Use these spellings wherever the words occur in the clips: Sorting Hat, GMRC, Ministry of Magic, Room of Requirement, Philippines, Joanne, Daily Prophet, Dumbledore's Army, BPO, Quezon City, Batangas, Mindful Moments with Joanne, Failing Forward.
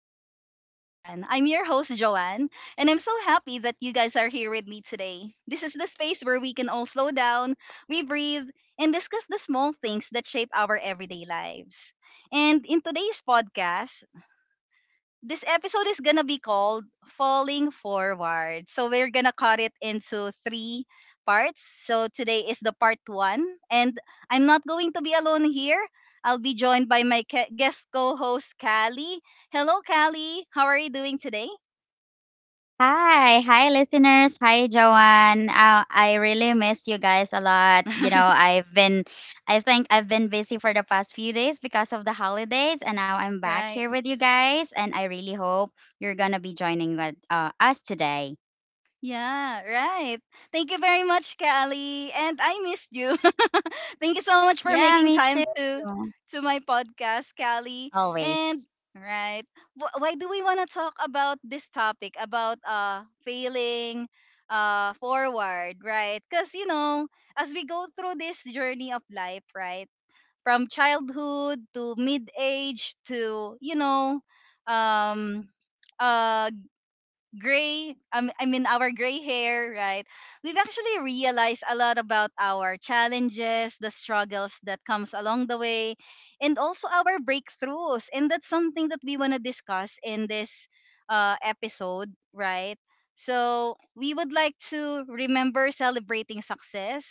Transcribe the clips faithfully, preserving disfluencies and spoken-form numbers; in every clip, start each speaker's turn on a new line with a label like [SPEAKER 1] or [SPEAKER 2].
[SPEAKER 1] Moments with Joanne. I'm your host, Joanne, and I'm so happy that you guys are here with me today. This is the space where we can all slow down, we breathe, and discuss the small things that shape our everyday lives. And in today's podcast, this episode is gonna be called Falling Forward. So we're gonna cut it into three parts. So today is the part one, and I'm not going to be alone here. I'll be joined by my ca- guest co-host Callie. Hello, Callie. How are you doing today?
[SPEAKER 2] Hi, hi listeners. Hi, Joanne. Uh, I really miss you guys a lot. You know, I've been I think I've been busy for the past few days because of the holidays, and now I'm back
[SPEAKER 1] Right.
[SPEAKER 2] here with you guys, and I really hope you're going to be joining with, uh, us today.
[SPEAKER 1] Yeah, right. Thank you very much, Callie. And I missed you. Thank you so much for
[SPEAKER 2] Yeah,
[SPEAKER 1] making
[SPEAKER 2] me
[SPEAKER 1] time
[SPEAKER 2] too.
[SPEAKER 1] to to my podcast, Callie.
[SPEAKER 2] Always.
[SPEAKER 1] And right, wh- why do we want to talk about this topic about uh failing uh forward, right? Cuz you know, as we go through this journey of life, right? From childhood to mid-age to, you know, um uh gray um, I mean our gray hair, right? We've actually realized a lot about our challenges, the struggles that comes along the way, and also our breakthroughs. And that's something that we want to discuss in this uh, episode, right? So we would like to remember celebrating success,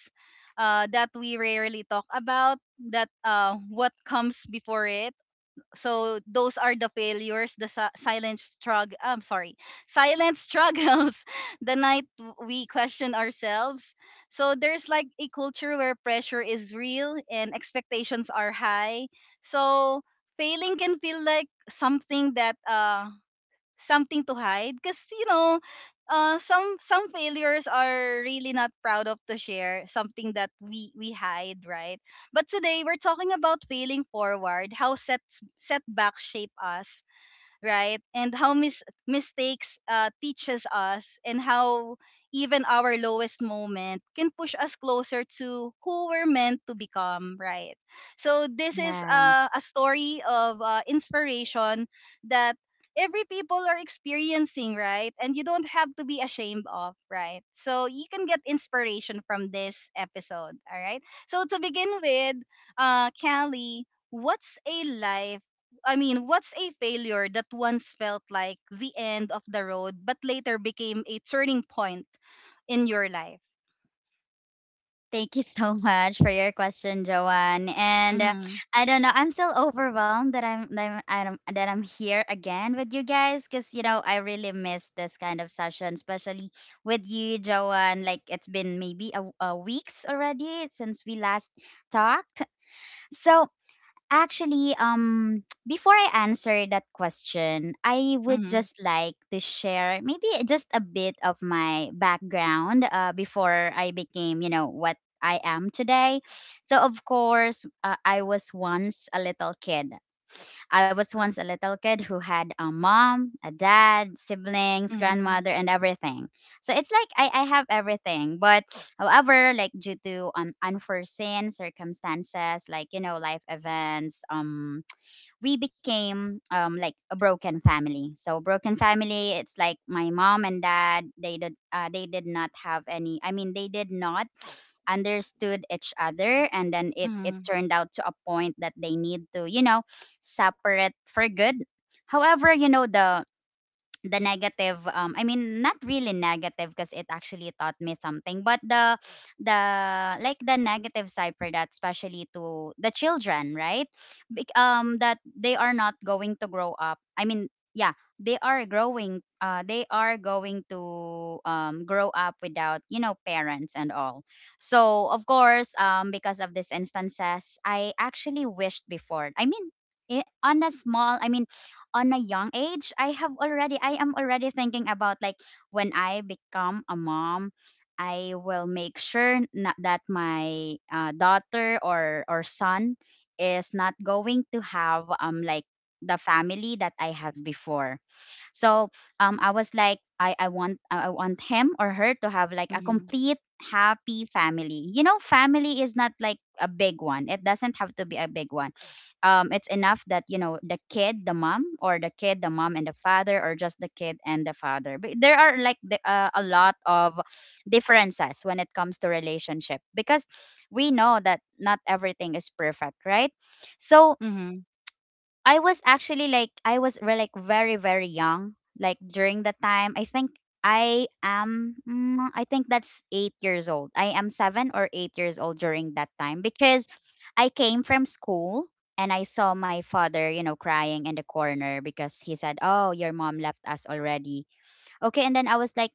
[SPEAKER 1] uh, that we rarely talk about, that, uh, what comes before it. So those are the failures, the si- silent struggle i'm sorry silent struggles. The night w- we question ourselves. So there's like a culture where pressure is real and expectations are high, so failing can feel like something that uh something to hide, because you know uh, some some failures are really not proud of to share, something that we we hide, right? But today we're talking about failing forward, how sets setbacks shape us, right? And how mis- mistakes uh, teaches us, and how even our lowest moment can push us closer to who we're meant to become, right? So this is
[SPEAKER 2] Yeah.
[SPEAKER 1] uh, a story of uh, inspiration that every people are experiencing, right? And you don't have to be ashamed of, right? So you can get inspiration from this episode, all right? So to begin with, uh, Callie, what's a life I mean, what's a failure that once felt like the end of the road but later became a turning point in your life?
[SPEAKER 2] Thank you so much for your question, Joanne. And, uh,
[SPEAKER 1] Mhm.
[SPEAKER 2] I don't know, I'm still overwhelmed that I'm that I'm, I don't- that I'm here again with you guys, because you know I really miss this kind of session, especially with you, Joanne. Like, it's been maybe a, a weeks already since we last talked. So, actually, um, before I answer that question, I would
[SPEAKER 1] Mhm.
[SPEAKER 2] just like to share maybe just a bit of my background, uh, before I became, you know, what I am today. So, of course, uh, I was once a little kid. I was once a little kid who had a mom, a dad, siblings,
[SPEAKER 1] Mhm.
[SPEAKER 2] grandmother, and everything. So it's like I, I have everything. But however, like, due to, um, unforeseen circumstances, like, you know, life events, um, we became, um like, a broken family. So broken family, it's like my mom and dad, they did uh, they did not have any. I mean, they did not understood each other, and then it it
[SPEAKER 1] Mhm.
[SPEAKER 2] turned out to a point that they need to, you know separate for good. However, you know the the negative um I mean, not really negative, because it actually taught me something. But the, the like the negative side for that, especially to the children, right? Bec- um that they are not going to grow up, I mean, yeah, they are growing, uh they are going to, um grow up without, you know parents and all. So of course, um because of these instances, I actually wished before. I mean, i- on a small i mean on a young age, I have already I am already thinking about, like, when I become a mom, I will make sure not that my, uh, daughter or or son is not going to have, um like, the family that I have before. So, um, I was like, I, I want I want him or her to have, like, a
[SPEAKER 1] Mhm.
[SPEAKER 2] complete happy family. You know, family is not like a big one. It doesn't have to be a big one. Um, it's enough that you know the kid, the mom, or the kid, the mom and the father, or just the kid and the father. But there are, like, the, uh, a lot of differences when it comes to relationship, because we know that not everything is perfect, right? So
[SPEAKER 1] Mhm.
[SPEAKER 2] I was actually like, I was re- like, very, very young, like, during the time. I think I am mm, I think that's eight years old. I am seven or eight years old during that time, because I came from school and I saw my father, you know, crying in the corner, because he said, "Oh, your mom left us already." Okay, and then I was like,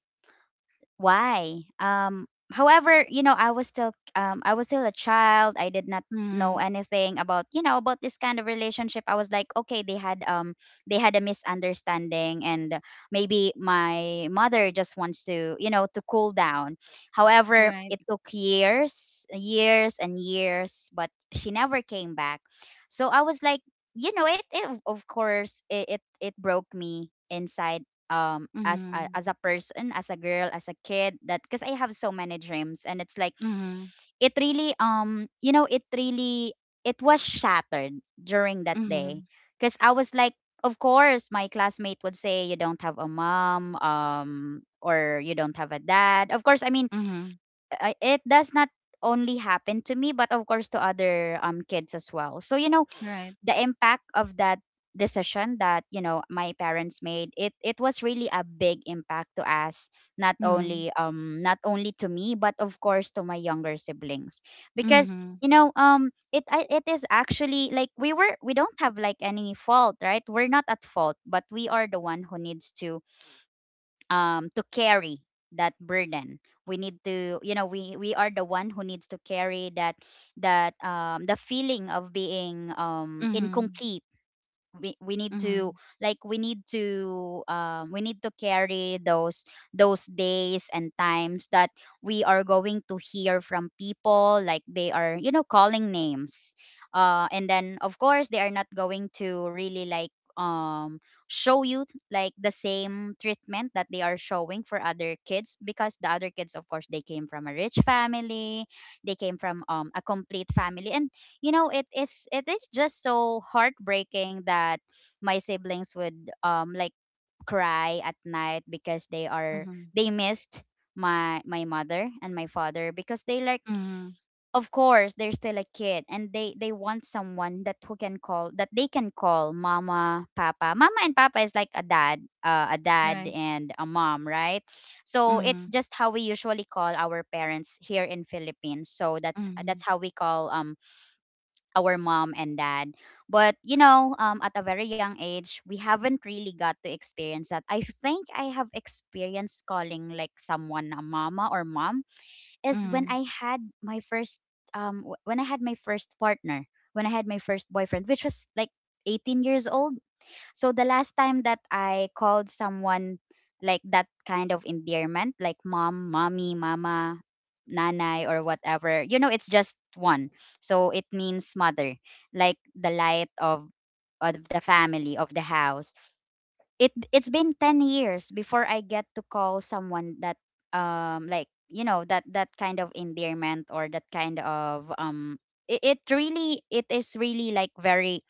[SPEAKER 2] why? Um however, you know i was still um I was still a child. I did not know
[SPEAKER 1] Mhm.
[SPEAKER 2] anything about, you know about this kind of relationship. I was like, okay, they had um they had a misunderstanding, and maybe my mother just wants to, you know to cool down. However,
[SPEAKER 1] Right.
[SPEAKER 2] it took years, years and years, but she never came back. So I was like, you know it, it of course, it, it it broke me inside, um as a,
[SPEAKER 1] Mhm.
[SPEAKER 2] as a person, as a girl, as a kid, that because I have so many dreams. And it's like,
[SPEAKER 1] Mhm.
[SPEAKER 2] it really, um you know it really, it was shattered during that day,
[SPEAKER 1] Mhm.
[SPEAKER 2] because I was like, of course my classmate would say, "You don't have a mom, um or you don't have a dad." Of course, I mean,
[SPEAKER 1] Mhm.
[SPEAKER 2] I- it does not only happen to me, but of course to other, um kids as well. So, you know
[SPEAKER 1] Right.
[SPEAKER 2] the impact of that decision that, you know my parents made, it it was really a big impact to us, not
[SPEAKER 1] Mhm.
[SPEAKER 2] only um not only to me, but of course to my younger siblings. Because,
[SPEAKER 1] Mhm.
[SPEAKER 2] you know um it I- it is actually like, we were we don't have, like, any fault, right? We're not at fault, but we are the one who needs to, um to carry that burden. We need to, you know we we are the one who needs to carry that, that um the feeling of being, um
[SPEAKER 1] Mhm.
[SPEAKER 2] incomplete. We, we need to
[SPEAKER 1] Mhm.
[SPEAKER 2] like, we need to, um, we need to carry those, those days and times that we are going to hear from people, like, they are, you know calling names. Uh, and then, of course, they are not going to really, like, um show you, like, the same treatment that they are showing for other kids, because the other kids, of course, they came from a rich family. They came from, um, a complete family. And, you know it is it is just so heartbreaking that my siblings would, um like cry at night because they are
[SPEAKER 1] Mhm.
[SPEAKER 2] they missed my my mother and my father, because they, like,
[SPEAKER 1] Mhm.
[SPEAKER 2] of course they're still a kid and they they want someone that, who can call that they can call mama, papa. Mama and papa is like a dad, uh, a dad
[SPEAKER 1] Right.
[SPEAKER 2] and a mom, right? So it's
[SPEAKER 1] Mhm.
[SPEAKER 2] just how we usually call our parents here in Philippines. So that's
[SPEAKER 1] Mhm.
[SPEAKER 2] that's how we call, um our mom and dad. But, you know, um, at a very young age, we haven't really got to experience that. I think I have experienced calling, like, someone a mama or mom is when
[SPEAKER 1] Mhm.
[SPEAKER 2] I had my first um w- when I had my first partner, when I had my first boyfriend, which was like eighteen years old. So the last time that I called someone, like, that kind of endearment, like mom, mommy, mama, nanay, or whatever, you know, it's just one. So it means mother, like, the light of, of the family, of the house. It it's been ten years before I get to call someone that, um like you know that, that kind of endearment or that kind of um it, it really It is really like very,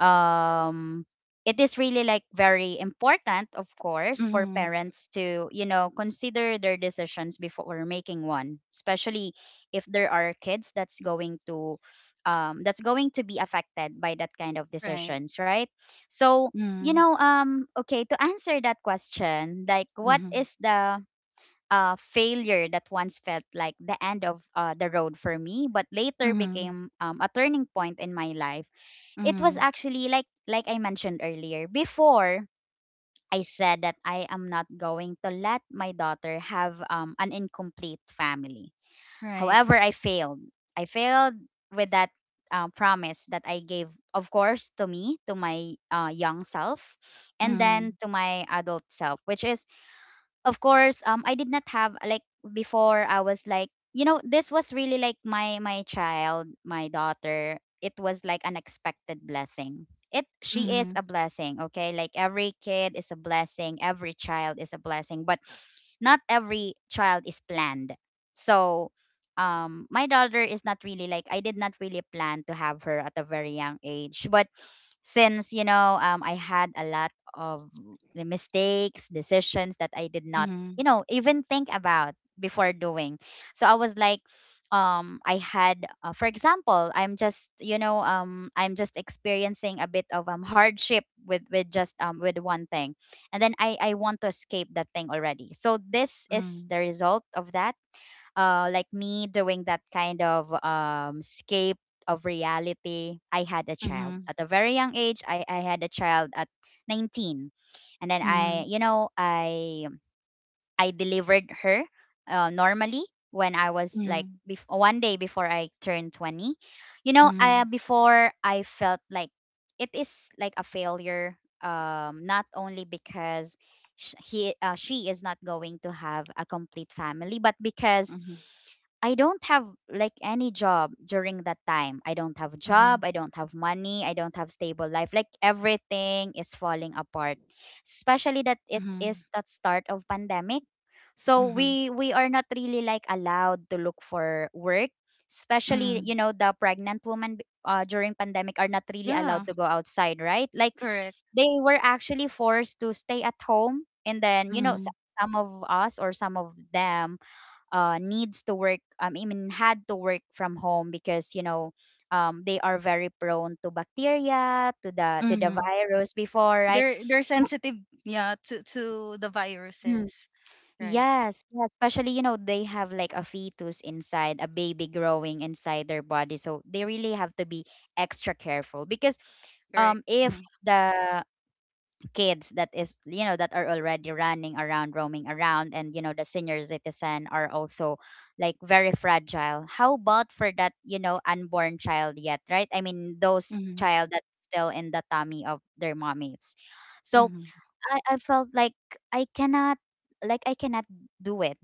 [SPEAKER 2] um it is really like very important, of course, for
[SPEAKER 1] Mhm.
[SPEAKER 2] parents to, you know consider their decisions before making one, especially if there are kids that's going to, um, that's going to be affected by that kind of
[SPEAKER 1] Right.
[SPEAKER 2] decisions, right? So, you
[SPEAKER 1] Mhm.
[SPEAKER 2] know um okay, to answer that question, like, what
[SPEAKER 1] Mhm.
[SPEAKER 2] is the, uh, failure that once felt like the end of, uh, the road for me but later
[SPEAKER 1] Mhm.
[SPEAKER 2] became, um, a turning point in my life? It was
[SPEAKER 1] Mhm.
[SPEAKER 2] actually, like like I mentioned earlier. Before, I said that I am not going to let my daughter have, um, an incomplete family.
[SPEAKER 1] Right.
[SPEAKER 2] However, I failed. I failed with that, uh, promise that I gave, of course, to me, to my, uh, young self, and then
[SPEAKER 1] Mhm.
[SPEAKER 2] to my adult self, which is, of course, um I did not have, like, before. I was like, you know this was really like, my my child, my daughter. It was like an expected blessing. It She is
[SPEAKER 1] Mhm.
[SPEAKER 2] a blessing. Okay, like, every kid is a blessing, every child is a blessing, but not every child is planned. So, um my daughter is not really, like, I did not really plan to have her at a very young age. But since, you know um I had a lot of, the mistakes, decisions that I did not, you
[SPEAKER 1] Mhm,
[SPEAKER 2] know, even think about before doing. So I was like, um, I had, uh, for example, I'm just, you know, um, I'm just experiencing a bit of, um hardship with with just um with one thing, and then I I want to escape that thing already. So this is
[SPEAKER 1] mm,
[SPEAKER 2] the result of that. Uh, like, me doing that kind of, um escape of reality. I had a child
[SPEAKER 1] mhm,
[SPEAKER 2] at a very young age. I I had a child at nineteen, and then I
[SPEAKER 1] mhm,
[SPEAKER 2] you know I I delivered her, uh, normally, when I was like,
[SPEAKER 1] mhm,
[SPEAKER 2] bef- one day before I turned twenty. You know, I
[SPEAKER 1] mhm,
[SPEAKER 2] before, I felt like it is like a failure, um not only because sh- he uh, she is not going to have a complete family, but because
[SPEAKER 1] mhm,
[SPEAKER 2] I don't have, like, any job during that time. I don't have
[SPEAKER 1] mhm,
[SPEAKER 2] job, I don't have money, I don't have stable life. Like, everything is falling apart. Especially that it
[SPEAKER 1] mhm,
[SPEAKER 2] is that start of pandemic, so
[SPEAKER 1] mhm,
[SPEAKER 2] we we are not really, like, allowed to look for work, especially,
[SPEAKER 1] mhm.
[SPEAKER 2] you know the pregnant women, b- uh, during pandemic are not really
[SPEAKER 1] Yeah,
[SPEAKER 2] allowed to go outside, right? Like
[SPEAKER 1] correct.
[SPEAKER 2] they were actually forced to stay at home, and then you know s-
[SPEAKER 1] Mm-hmm.
[SPEAKER 2] some of us or some of them uh, needs to work. Um, I mean had to work from home because you know um, they are very prone to bacteria, to the to the
[SPEAKER 1] Mm-hmm.
[SPEAKER 2] virus before, right?
[SPEAKER 1] They're they're sensitive, yeah, to to the viruses, right?
[SPEAKER 2] Yes, yeah, especially, you know, they have like a fetus inside, a baby growing inside their body. So they really have to be extra careful because
[SPEAKER 1] Correct.
[SPEAKER 2] um if
[SPEAKER 1] Mm-hmm.
[SPEAKER 2] the kids that is you know that are already running around, roaming around, and you know the senior citizen are also like very fragile, how about for that you know unborn child yet, right? I mean those
[SPEAKER 1] Mm-hmm.
[SPEAKER 2] child that's still in the tummy of their mommies. So i, I felt like i cannot like i cannot do it.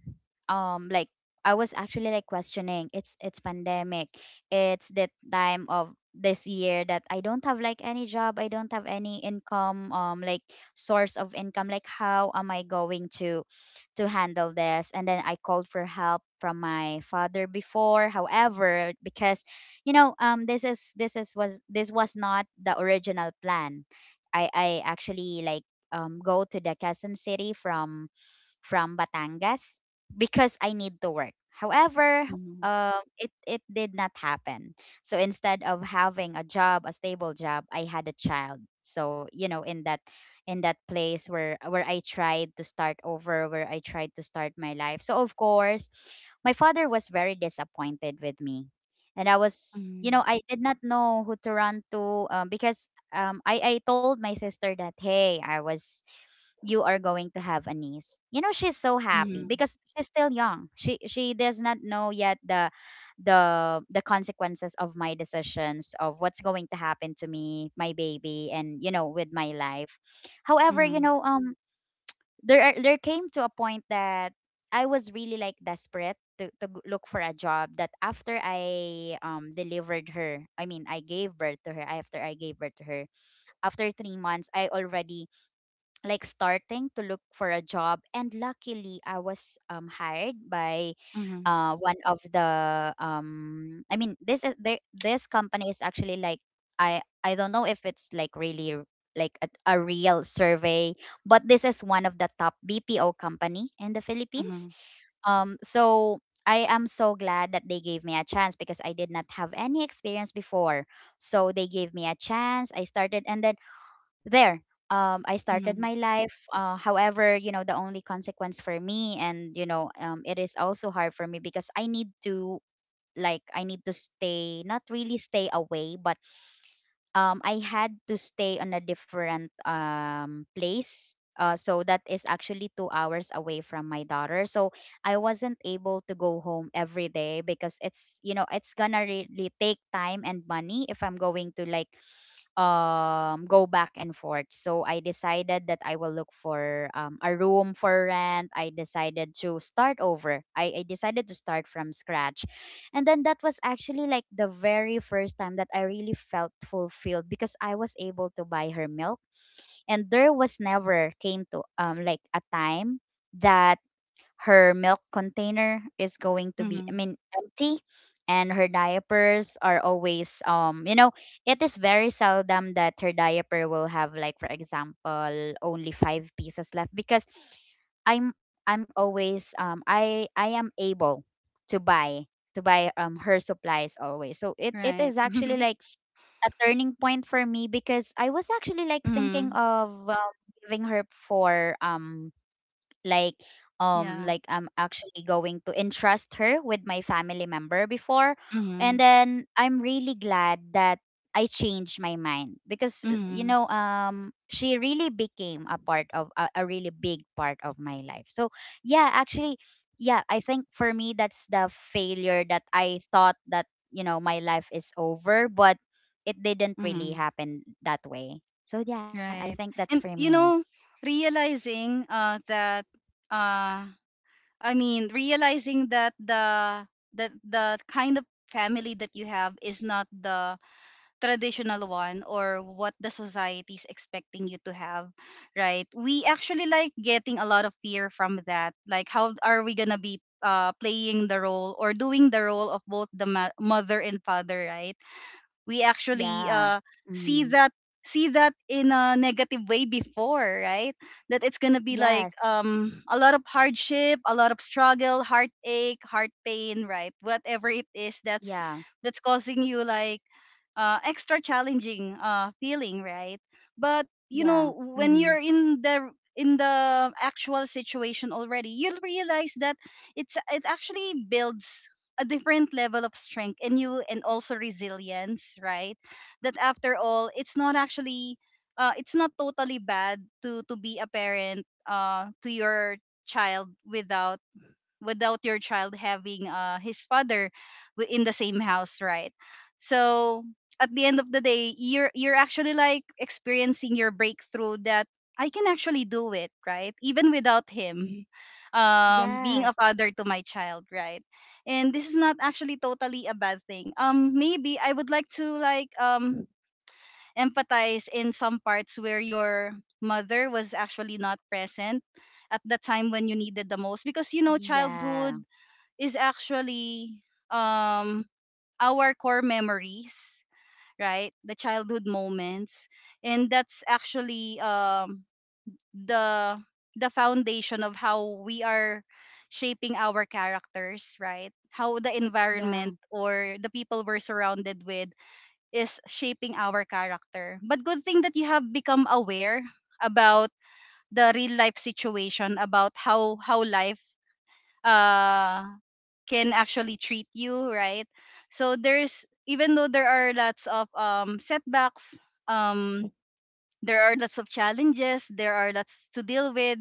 [SPEAKER 2] um like I was actually like questioning, it's it's pandemic. It's the time of this year that I don't have like any job, I don't have any income, um like source of income, like how am I going to to handle this? And then I called for help from my father before. However, because you know um this is this is was this was not the original plan. I I actually like um go to the Quezon City from from Batangas because I need to work. However,
[SPEAKER 1] Mm-hmm.
[SPEAKER 2] um, it it did not happen. So instead of having a job, a stable job, I had a child. So you know, in that in that place where where I tried to start over, where I tried to start my life. So of course, my father was very disappointed with me, and I was, you
[SPEAKER 1] Mm-hmm.
[SPEAKER 2] know, I did not know who to run to, um, because um, I I told my sister that hey, I was, you are going to have a niece. You know, she's so happy
[SPEAKER 1] Mm-hmm.
[SPEAKER 2] because she's still young, she she does not know yet the the the consequences of my decisions, of what's going to happen to me, my baby, and you know with my life. However, you
[SPEAKER 1] Mm-hmm.
[SPEAKER 2] know, um there are, there came to a point that I was really like desperate to, to g- look for a job. That after I um delivered her, I mean I gave birth to her, after i gave birth to her after three months I already like starting to look for a job, and luckily I was um, hired by
[SPEAKER 1] Mm-hmm.
[SPEAKER 2] uh, one of the, um, I mean, this is, they, this company is actually like, i i don't know if it's like really r- like a, a real survey, but this is one of the top bpo company in the
[SPEAKER 1] Mm-hmm.
[SPEAKER 2] philippines.
[SPEAKER 1] Mm-hmm.
[SPEAKER 2] um so I am so glad that they gave me a chance because I did not have any experience before. So they gave me a chance, I started, and then there, um, I started
[SPEAKER 1] Mm-hmm.
[SPEAKER 2] my life. uh, however, you know, the only consequence for me, and you know, um, it is also hard for me because I need to like I need to stay, not really stay away, but um, I had to stay on a different, um, place. uh, so that is actually two hours away from my daughter. So I wasn't able to go home every day because it's, you know, it's gonna really take time and money if I'm going to like um go back and forth. So I decided that I will look for, um, a room for rent. I decided to start over. I, I decided to start from scratch. And then that was actually like the very first time that I really felt fulfilled because I was able to buy her milk. And there was never came to um like a time that her milk container is going to be, I
[SPEAKER 1] Mm-hmm.
[SPEAKER 2] mean, empty, and her diapers are always, um you know, it is very seldom that her diaper will have like for example only five pieces left. Because I'm I'm always, um i i am able to buy, to buy um her supplies always. So it, it
[SPEAKER 1] Right.
[SPEAKER 2] is actually like a turning point for me because I was actually like thinking
[SPEAKER 1] Mm-hmm.
[SPEAKER 2] of, um, giving her for, um like um
[SPEAKER 1] Yeah.
[SPEAKER 2] like I'm actually going to entrust her with my family member before.
[SPEAKER 1] Mm-hmm.
[SPEAKER 2] And then I'm really glad that I changed my mind because, uh, you
[SPEAKER 1] Mm-hmm.
[SPEAKER 2] know, um she really became a part of, a, a really big part of my life. So yeah, actually, yeah, I think for me that's the failure that I thought that, you know, my life is over, but it didn't really
[SPEAKER 1] Mm-hmm.
[SPEAKER 2] happen that way. So yeah, I think
[SPEAKER 1] Right.
[SPEAKER 2] that's for
[SPEAKER 1] And
[SPEAKER 2] me.
[SPEAKER 1] you know, realizing uh that uh I mean realizing that the that the kind of family that you have is not the traditional one or what the society is expecting you to have, right? We actually like getting a lot of fear from that. Like how are we going to be uh playing the role or doing the role of both the ma- mother and father, right? We actually
[SPEAKER 2] Yeah.
[SPEAKER 1] uh see
[SPEAKER 2] Mm-hmm.
[SPEAKER 1] that see that in a negative way before, right? That it's gonna be like
[SPEAKER 2] Yes.
[SPEAKER 1] um a lot of hardship, a lot of struggle, heartache, heart pain, right? Whatever it is that's
[SPEAKER 2] Yeah.
[SPEAKER 1] that's causing you like uh, extra challenging uh, feeling, right? But you
[SPEAKER 2] Yeah.
[SPEAKER 1] know, when
[SPEAKER 2] Mm-hmm.
[SPEAKER 1] you're in the in the actual situation already, you'll realize that it's it actually builds a different level of strength in you and also resilience, right? That after all it's not actually uh, it's not totally bad to to be a parent uh, to your child without without your child having uh, his father, wi- in the same house, right? So at the end of the day, you're you're actually like experiencing your breakthrough that I can actually do it, right? Even without him um, being a
[SPEAKER 2] Yes.
[SPEAKER 1] father to my child, right? And this is not actually totally a bad thing. Um, maybe I would like to like um empathize in some parts where your mother was actually not present at the time when you needed the most, because you know childhood
[SPEAKER 2] Yeah.
[SPEAKER 1] is actually um our core memories, right? The childhood moments. And that's actually um the the foundation of how we are shaping our characters, right? How the
[SPEAKER 2] Yeah.
[SPEAKER 1] environment or the people we're surrounded with is shaping our character. But good thing that you have become aware about the real life situation, about how how life uh can actually treat you, right? So there's even though there are lots of um setbacks, um there are lots of challenges, there are lots to deal with,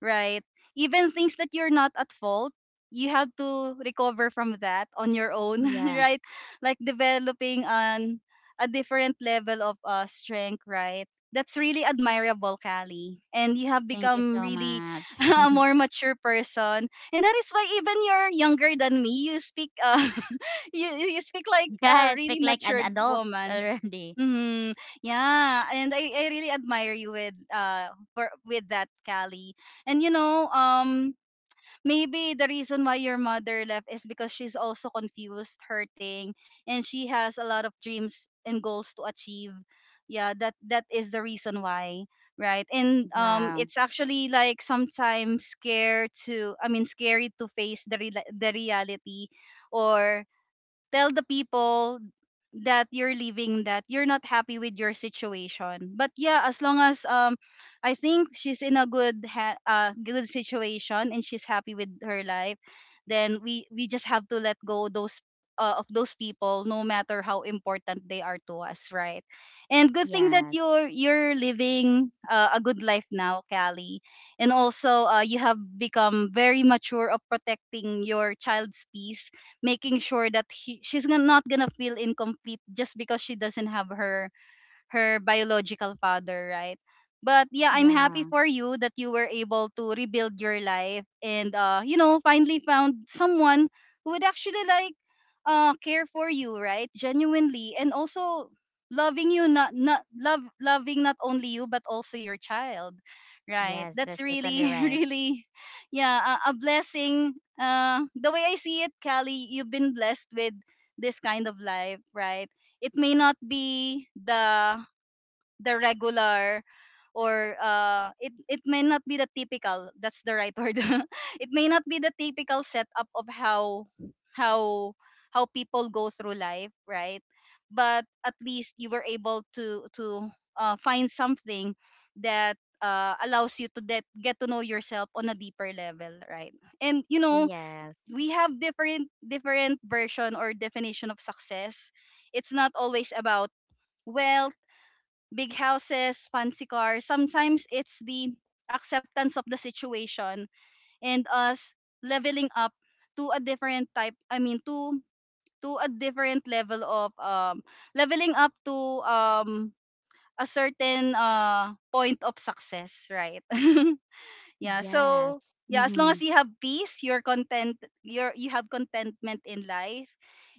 [SPEAKER 1] right? Even things that you're not at fault, you have to recover from that on your own.
[SPEAKER 2] Yeah.
[SPEAKER 1] Right? Like developing on a different level of uh, strength, right? That's really admirable, Callie. And you have
[SPEAKER 2] Thank you
[SPEAKER 1] become
[SPEAKER 2] so
[SPEAKER 1] really
[SPEAKER 2] much.
[SPEAKER 1] a more mature person, and that is why, even you're younger than me, you speak uh, you, you speak like
[SPEAKER 2] Yeah,
[SPEAKER 1] a
[SPEAKER 2] I
[SPEAKER 1] really
[SPEAKER 2] speak like an
[SPEAKER 1] matured
[SPEAKER 2] adult
[SPEAKER 1] woman.
[SPEAKER 2] already.
[SPEAKER 1] Mm-hmm. Yeah, and I, I really admire you with uh for with that, Callie. And you know, um maybe the reason why your mother left is because she's also confused, hurting, and she has a lot of dreams and goals to achieve. Yeah, that that is the reason why, right? And um
[SPEAKER 2] Yeah.
[SPEAKER 1] it's actually like sometimes scare to I mean scary to face the re- the reality, or tell the people that you're leaving, that you're not happy with your situation. But yeah, as long as, um I think she's in a good ha- uh good situation and she's happy with her life, then we we just have to let go those, uh, of those people, no matter how important they are to us, right? And good thing that
[SPEAKER 2] Yes.
[SPEAKER 1] you're you're living uh, a good life now, Callie. And also uh, you have become very mature of protecting your child's peace, making sure that he, she's gon- not gonna feel incomplete just because she doesn't have her her biological father, right? But yeah, I'm
[SPEAKER 2] Yeah.
[SPEAKER 1] happy for you that you were able to rebuild your life, and uh, you know, finally found someone who would actually like uh care for you, right? Genuinely, and also loving you, not not love loving, not only you but also your child. Right.
[SPEAKER 2] Yes, that's
[SPEAKER 1] That's
[SPEAKER 2] totally
[SPEAKER 1] really
[SPEAKER 2] right.
[SPEAKER 1] really, yeah, a, a blessing. Uh the way I see it, Callie, you've been blessed with this kind of life, right? It may not be the the regular, or uh, it it may not be the typical, that's the right word, it may not be the typical setup of how how how people go through life, right? But at least you were able to to uh, find something that uh, allows you to that get to know yourself on a deeper level, right? And you know
[SPEAKER 2] Yes.
[SPEAKER 1] we have different different version or definition of success. It's not always about wealth, big houses, fancy cars. Sometimes it's the acceptance of the situation, and us leveling up to a different type. I mean, to to a different level of um, leveling up to um, a certain uh, point of success, right? Yeah, so
[SPEAKER 2] Yes.
[SPEAKER 1] yeah, as long
[SPEAKER 2] Mm-hmm.
[SPEAKER 1] as you have peace, you're content, you're you have contentment in life,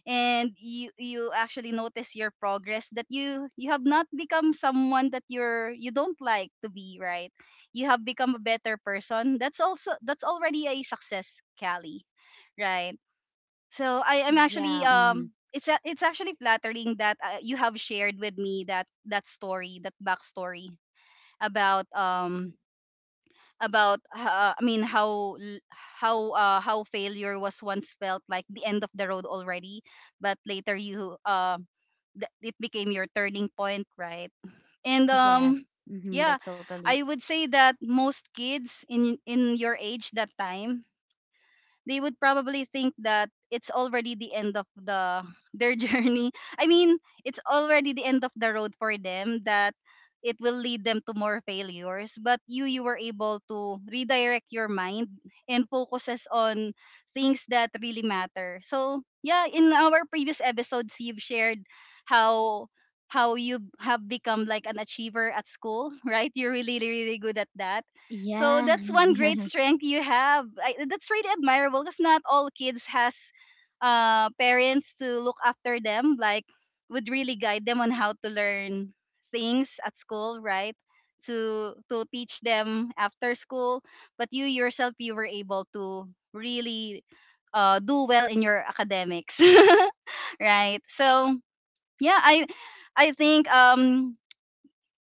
[SPEAKER 1] and you you actually notice your progress, that you you have not become someone that you're you don't like to be, right? You have become a better person. That's also that's already a success, Callie, right? So I am actually
[SPEAKER 2] Yeah. Mm-hmm.
[SPEAKER 1] um it's a, it's actually flattering that uh, you have shared with me that that story, that backstory about um about uh, I mean how l- how uh, how failure was once felt like the end of the road already, but later you uh, th- it became your turning point, right? And
[SPEAKER 2] Yes.
[SPEAKER 1] um
[SPEAKER 2] Mm-hmm.
[SPEAKER 1] yeah,
[SPEAKER 2] That's totally.
[SPEAKER 1] I would say that most kids in in your age that time, they would probably think that it's already the end of the their journey. I mean, it's already the end of the road for them, that it will lead them to more failures. But you you were able to redirect your mind and focuses on things that really matter. So yeah, in our previous episodes you've shared how how you have become like an achiever at school, right? You're really really good at that. So
[SPEAKER 2] Yeah.
[SPEAKER 1] that's one great strength you have. I, that's really admirable, because not all kids has uh, parents to look after them, like would really guide them on how to learn things at school, right? To to teach them after school. But you yourself, you were able to really uh, do well in your academics, right? So yeah, I I think um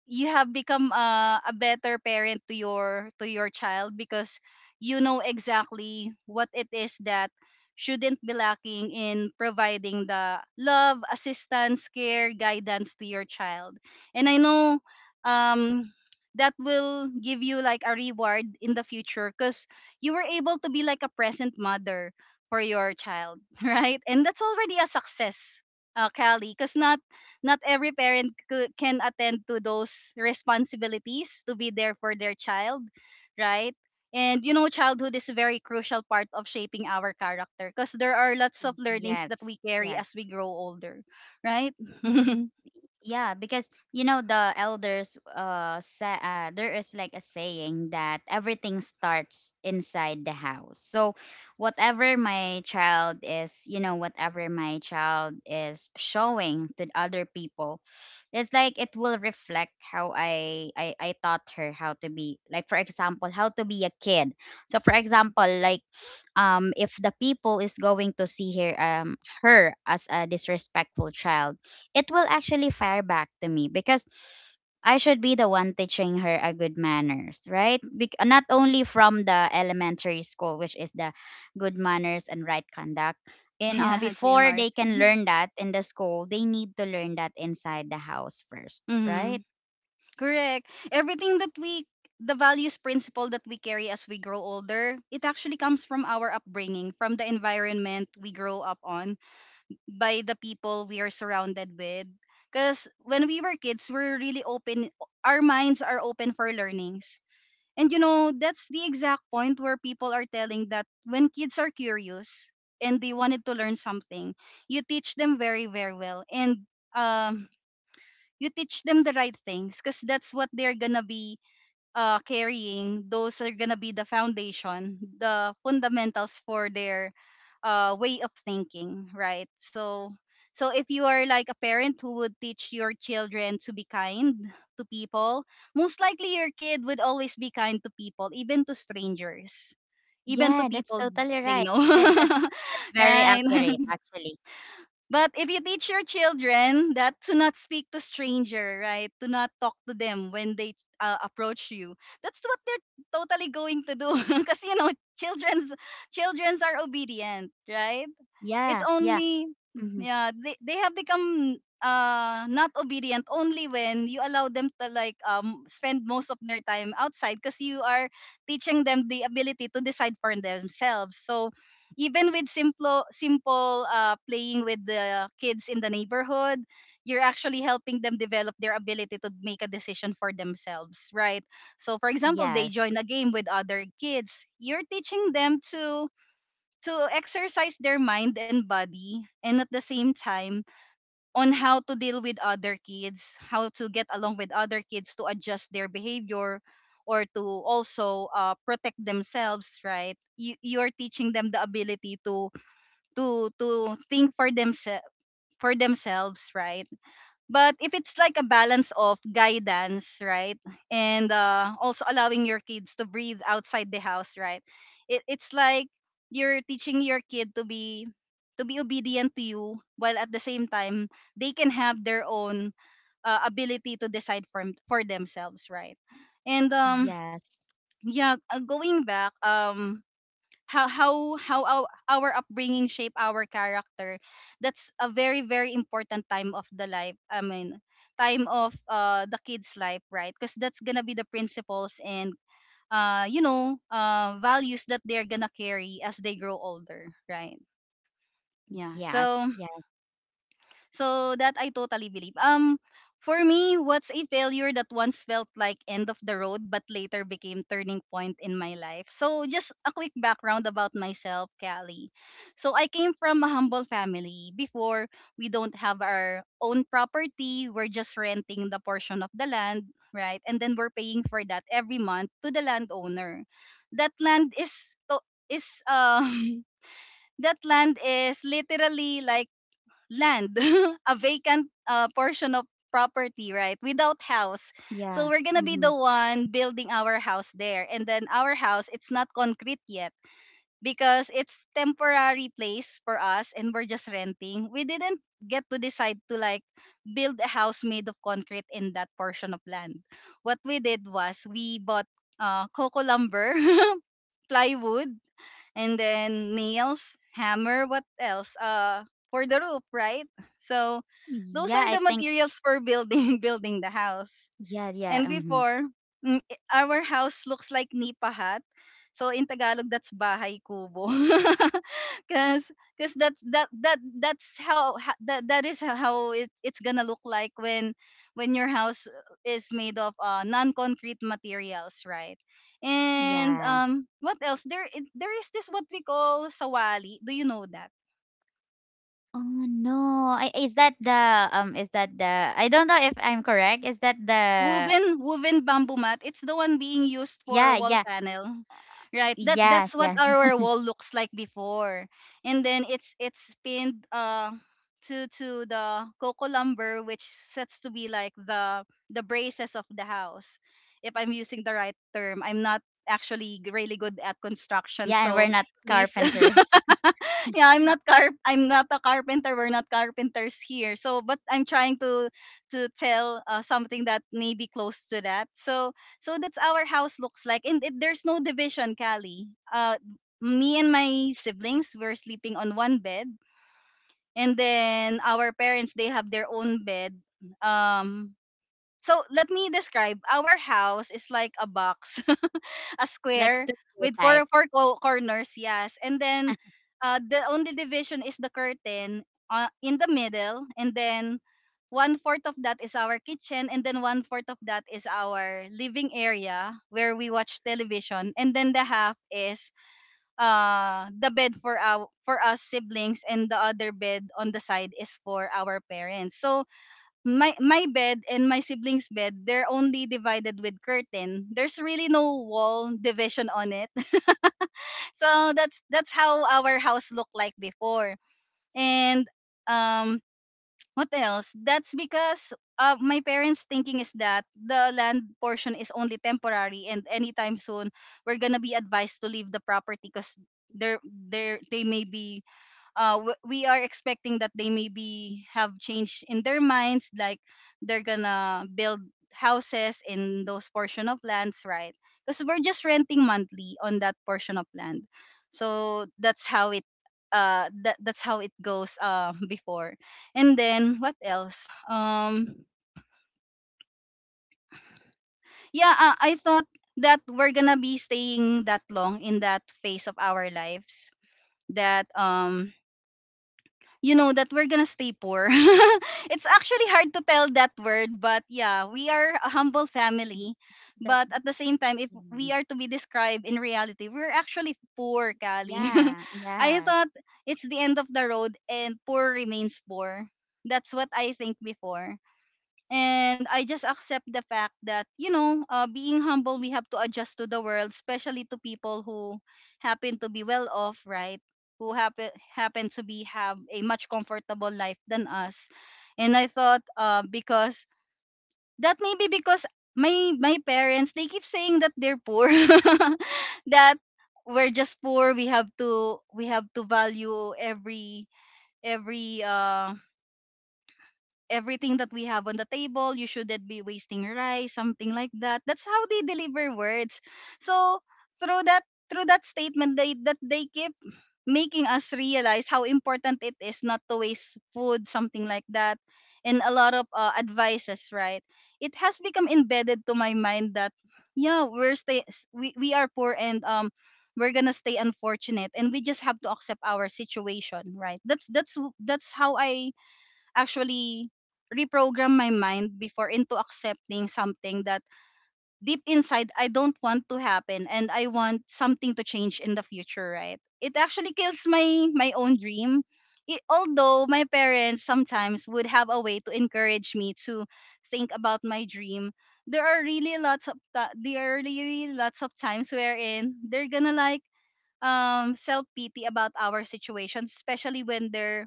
[SPEAKER 1] you have become uh, a better parent to your to your child because you know exactly what it is that shouldn't be lacking in providing the love, assistance, care, guidance to your child. And I know um that will give you like a reward in the future cuz you were able to be like a present mother for your child, right? And that's already a success. Uh, Callie, because not not every parent cou- can attend to those responsibilities to be there for their child, right? And you know, childhood is a very crucial part of shaping our character because there are lots of learnings
[SPEAKER 2] Yes.
[SPEAKER 1] that we carry
[SPEAKER 2] Yes.
[SPEAKER 1] as we
[SPEAKER 2] Yes.
[SPEAKER 1] grow older, right?
[SPEAKER 2] Yeah, because you know the elders, uh, sa- uh there is like a saying that everything starts inside the house. So whatever my child is, you know, whatever my child is showing to the other people, it's like it will reflect how I, I I taught her how to be, like for example, how to be a kid. So for example, like, um, if the people is going to see her, um, her as a disrespectful child, it will actually fire back to me because I should be the one teaching her a good manners, right? Bec- not only from the elementary school, which is the good manners and right conduct. And, uh,
[SPEAKER 1] Yeah,
[SPEAKER 2] before they can
[SPEAKER 1] G M R C.
[SPEAKER 2] learn that in the school, they need to learn that inside the house first,
[SPEAKER 1] Hmm.
[SPEAKER 2] right?
[SPEAKER 1] Correct. Everything that we the values principle that we carry as we grow older, it actually comes from our upbringing, from the environment we grow up on, by the people we are surrounded with. Because when we were kids, we're really open, our minds are open for learnings. And you know, that's the exact point where people are telling that when kids are curious and they wanted to learn something, you teach them very, very well. And um, you teach them the right things because that's what they're going to be uh, carrying, those are gonna be the foundation, the fundamentals for their uh, way of thinking, right? So, so if you are like a parent who would teach your children to be kind to people, most likely your kid would always be kind to people, even to strangers, even to
[SPEAKER 2] Yeah, that's
[SPEAKER 1] people
[SPEAKER 2] totally
[SPEAKER 1] they
[SPEAKER 2] right.
[SPEAKER 1] know,
[SPEAKER 2] That, that's that's very
[SPEAKER 1] right?
[SPEAKER 2] accurate, actually.
[SPEAKER 1] But if you teach your children that to not speak to stranger, right? To not talk to them when they uh, approach you. That's what they're totally going to do because you know, children's children's are obedient, right? it's
[SPEAKER 2] Yeah, yeah,
[SPEAKER 1] only
[SPEAKER 2] hmm,
[SPEAKER 1] Yeah. They, they have become uh not obedient only when you allow them to like um spend most of their time outside because you are teaching them the ability to decide for themselves. So even with simple simple uh playing with the kids in the neighborhood, you're actually helping them develop their ability to make a decision for themselves, right? So for example, they
[SPEAKER 2] yes.
[SPEAKER 1] join a game with other kids, you're teaching them to to exercise their mind and body, and at the same time on how to deal with other kids, how to get along with other kids, to adjust their behavior, or to also uh, protect themselves, right? You, you are teaching them the ability to to to think for themselves for themselves, right? But if it's like a balance of guidance, right, and uh, also allowing your kids to breathe outside the house, right, it, it's like you're teaching your kid to be to be obedient to you, while at the same time they can have their own uh, ability to decide for for themselves, right? And um,
[SPEAKER 2] Yes.
[SPEAKER 1] yeah, uh, going back, um, how how how our, our upbringing shape our character. That's a very, very important time of the life. I mean, time of uh the kids life, right? Because that's gonna be the principles and uh you know uh values that they're gonna carry as they grow older, right? Yeah.
[SPEAKER 2] Yes.
[SPEAKER 1] so
[SPEAKER 2] Yeah.
[SPEAKER 1] so that I totally believe. Um, for me, what's a failure that once felt like end of the road but later became turning point in my life? So just a quick background about myself, Callie. So I came from a humble family. Before, we don't have our own property. We're just renting the portion of the land, right? And then we're paying for that every month to the landowner. That land is to- is um that land is literally like land, a vacant uh, portion of property, right? Without house.
[SPEAKER 2] Yeah.
[SPEAKER 1] So we're gonna be
[SPEAKER 2] Mm-hmm.
[SPEAKER 1] the one building our house there. And then our house, it's not concrete yet because it's temporary place for us and we're just renting. We didn't get to decide to like build a house made of concrete in that portion of land. What we did was we bought uh, coco lumber, plywood, and then nails, hammer, what else? Uh, for the roof, right? So those
[SPEAKER 2] Yeah,
[SPEAKER 1] are
[SPEAKER 2] I
[SPEAKER 1] the
[SPEAKER 2] think,
[SPEAKER 1] materials for building building the house.
[SPEAKER 2] yeah, yeah.
[SPEAKER 1] And
[SPEAKER 2] Mm-hmm.
[SPEAKER 1] before, mm, i- our house looks like nipa hut. So in Tagalog, that's bahay kubo. Cause, cause that that that that's how ha- that that is how it, it's gonna look like when when your house is made of uh, non-concrete materials, right? And
[SPEAKER 2] Yeah.
[SPEAKER 1] um, what else? There i- there is this what we call sawali. Do you know that?
[SPEAKER 2] Oh no. I, is that the, um is that the, I don't know if I'm correct. Is that the?
[SPEAKER 1] woven woven bamboo mat. It's the one being used
[SPEAKER 2] Yeah,
[SPEAKER 1] for wall
[SPEAKER 2] yeah.
[SPEAKER 1] panel. Right. That
[SPEAKER 2] Yes,
[SPEAKER 1] that's what
[SPEAKER 2] yeah.
[SPEAKER 1] our wall looks like before. And then it's it's pinned uh to to the coco lumber, which sets to be like the the braces of the house. If I'm using the right term. I'm not actually g- really good at construction,
[SPEAKER 2] Yeah, and
[SPEAKER 1] so
[SPEAKER 2] we're not
[SPEAKER 1] please.
[SPEAKER 2] carpenters.
[SPEAKER 1] Yeah, i'm not car i'm not a carpenter, we're not carpenters here, so but I'm trying to to tell uh, something that may be close to that. So so that's our house looks like, and it, there's no division, Callie. Uh, me and my siblings were sleeping on one bed, and then our parents, they have their own bed. Um, so let me describe. Our house is like a box. A
[SPEAKER 2] Like
[SPEAKER 1] square
[SPEAKER 2] studio
[SPEAKER 1] with four
[SPEAKER 2] type.
[SPEAKER 1] four co- corners, yes. And then uh, the only division is the curtain uh, in the middle, and then one fourth of that is our kitchen, and then one fourth of that is our living area where we watch television, and then the half is uh the bed for our for us siblings, and the other bed on the side is for our parents. So my my bed and my siblings' bed, they're only divided with curtain. There's really no wall division on it. So that's that's how our house looked like before. And um what else? That's because uh, my parents' thinking is that the land portion is only temporary and anytime soon we're gonna be advised to leave the property because there there they may be uh, w- we are expecting that they maybe have change in their minds, like they're gonna build houses in those portion of lands, right? Because we're just renting monthly on that portion of land, so that's how it, uh, that that's how it goes, uh, before. And then what else? Um, yeah, uh, I thought that we're gonna be staying that long in that phase of our lives that um you know that we're gonna stay poor. It's actually hard to tell that word, but yeah, we are a humble family.
[SPEAKER 2] That's
[SPEAKER 1] But
[SPEAKER 2] the
[SPEAKER 1] at the same time, if
[SPEAKER 2] thing.
[SPEAKER 1] we are to be described in reality, we're actually poor, Kali.
[SPEAKER 2] Yeah,
[SPEAKER 1] I
[SPEAKER 2] yes.
[SPEAKER 1] thought it's the end of the road and poor remains poor. That's what I think before, and I just accept the fact that you know, uh, being humble, we have to adjust to the world, especially to people who happen to be well off, right? Who happen happen to be have a much comfortable life than us, and I thought, uh, because that may be because my my parents, they keep saying that they're poor, that we're just poor. We have to we have to value every every um everything that we have on the table. You shouldn't be wasting rice, something like that. That's how they deliver words. So through that through that statement they that they keep making us realize how important it is not to waste food, something like that. And a lot of uh, advices, right? It has become embedded to my mind that yeah, we're stay s- we, we are poor and um we're gonna stay unfortunate and we just have to accept our situation, right? That's that's w- that's how I actually reprogram my mind before into accepting something that deep inside I don't want to happen and I want something to change in the future, right? It actually kills my my own dream. It, although my parents sometimes would have a way to encourage me to think about my dream, there are really lots of ta- there are really lots of times wherein they're gonna like um self pity about our situations, especially when they're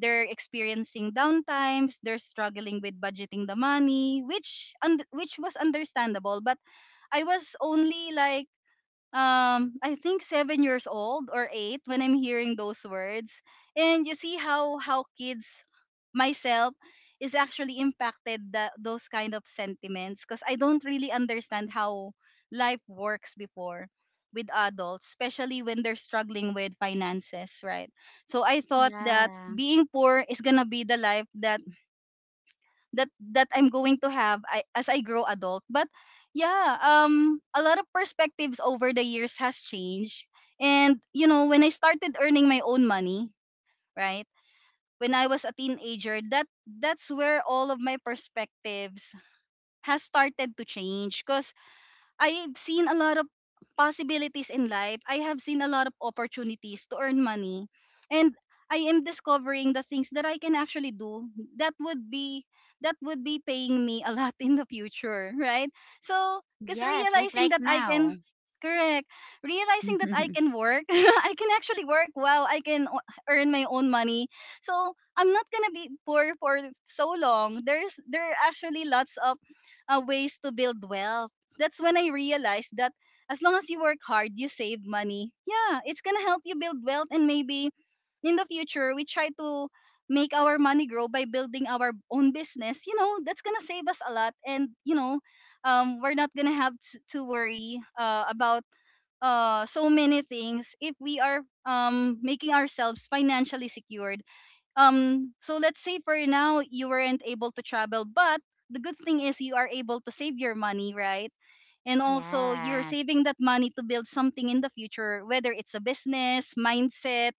[SPEAKER 1] they're experiencing downtimes. They're struggling with budgeting the money, which und- which was understandable. But I was only like um I think seven years old or eight when I'm hearing those words. And you see how how kids, myself, is actually impacted that those kind of sentiments because I don't really understand how life works before with adults, especially when they're struggling with finances, right? So I thought that
[SPEAKER 2] Yeah.
[SPEAKER 1] being poor is gonna be the life that that that I'm going to have, I, as I grow adult. But yeah, um, a lot of perspectives over the years has changed. And you know, when I started earning my own money, right? When I was a teenager, that that's where all of my perspectives has started to change. Cause I've seen a lot of possibilities in life. I have seen a lot of opportunities to earn money. And I am discovering the things that I can actually do that would be that would be paying me a lot in the future, right? So, cuz
[SPEAKER 2] Yes, just
[SPEAKER 1] realizing
[SPEAKER 2] like
[SPEAKER 1] that I can
[SPEAKER 2] now.
[SPEAKER 1] correct, realizing that I can work, I can actually work. Wow, I can o- earn my own money. So, I'm not going to be poor for so long. There's there are actually lots of uh, ways to build wealth. That's when I realized that as long as you work hard, you save money. Yeah, it's gonna help you build wealth, and maybe in the future we try to make our money grow by building our own business. You know, that's gonna save us a lot, and you know, um we're not gonna have to, to worry uh about uh so many things if we are um making ourselves financially secured. Um so let's say for now you weren't able to travel, but the good thing is you are able to save your money, right? And also you're
[SPEAKER 2] Yes.
[SPEAKER 1] saving that money to build something in the future, whether it's a business mindset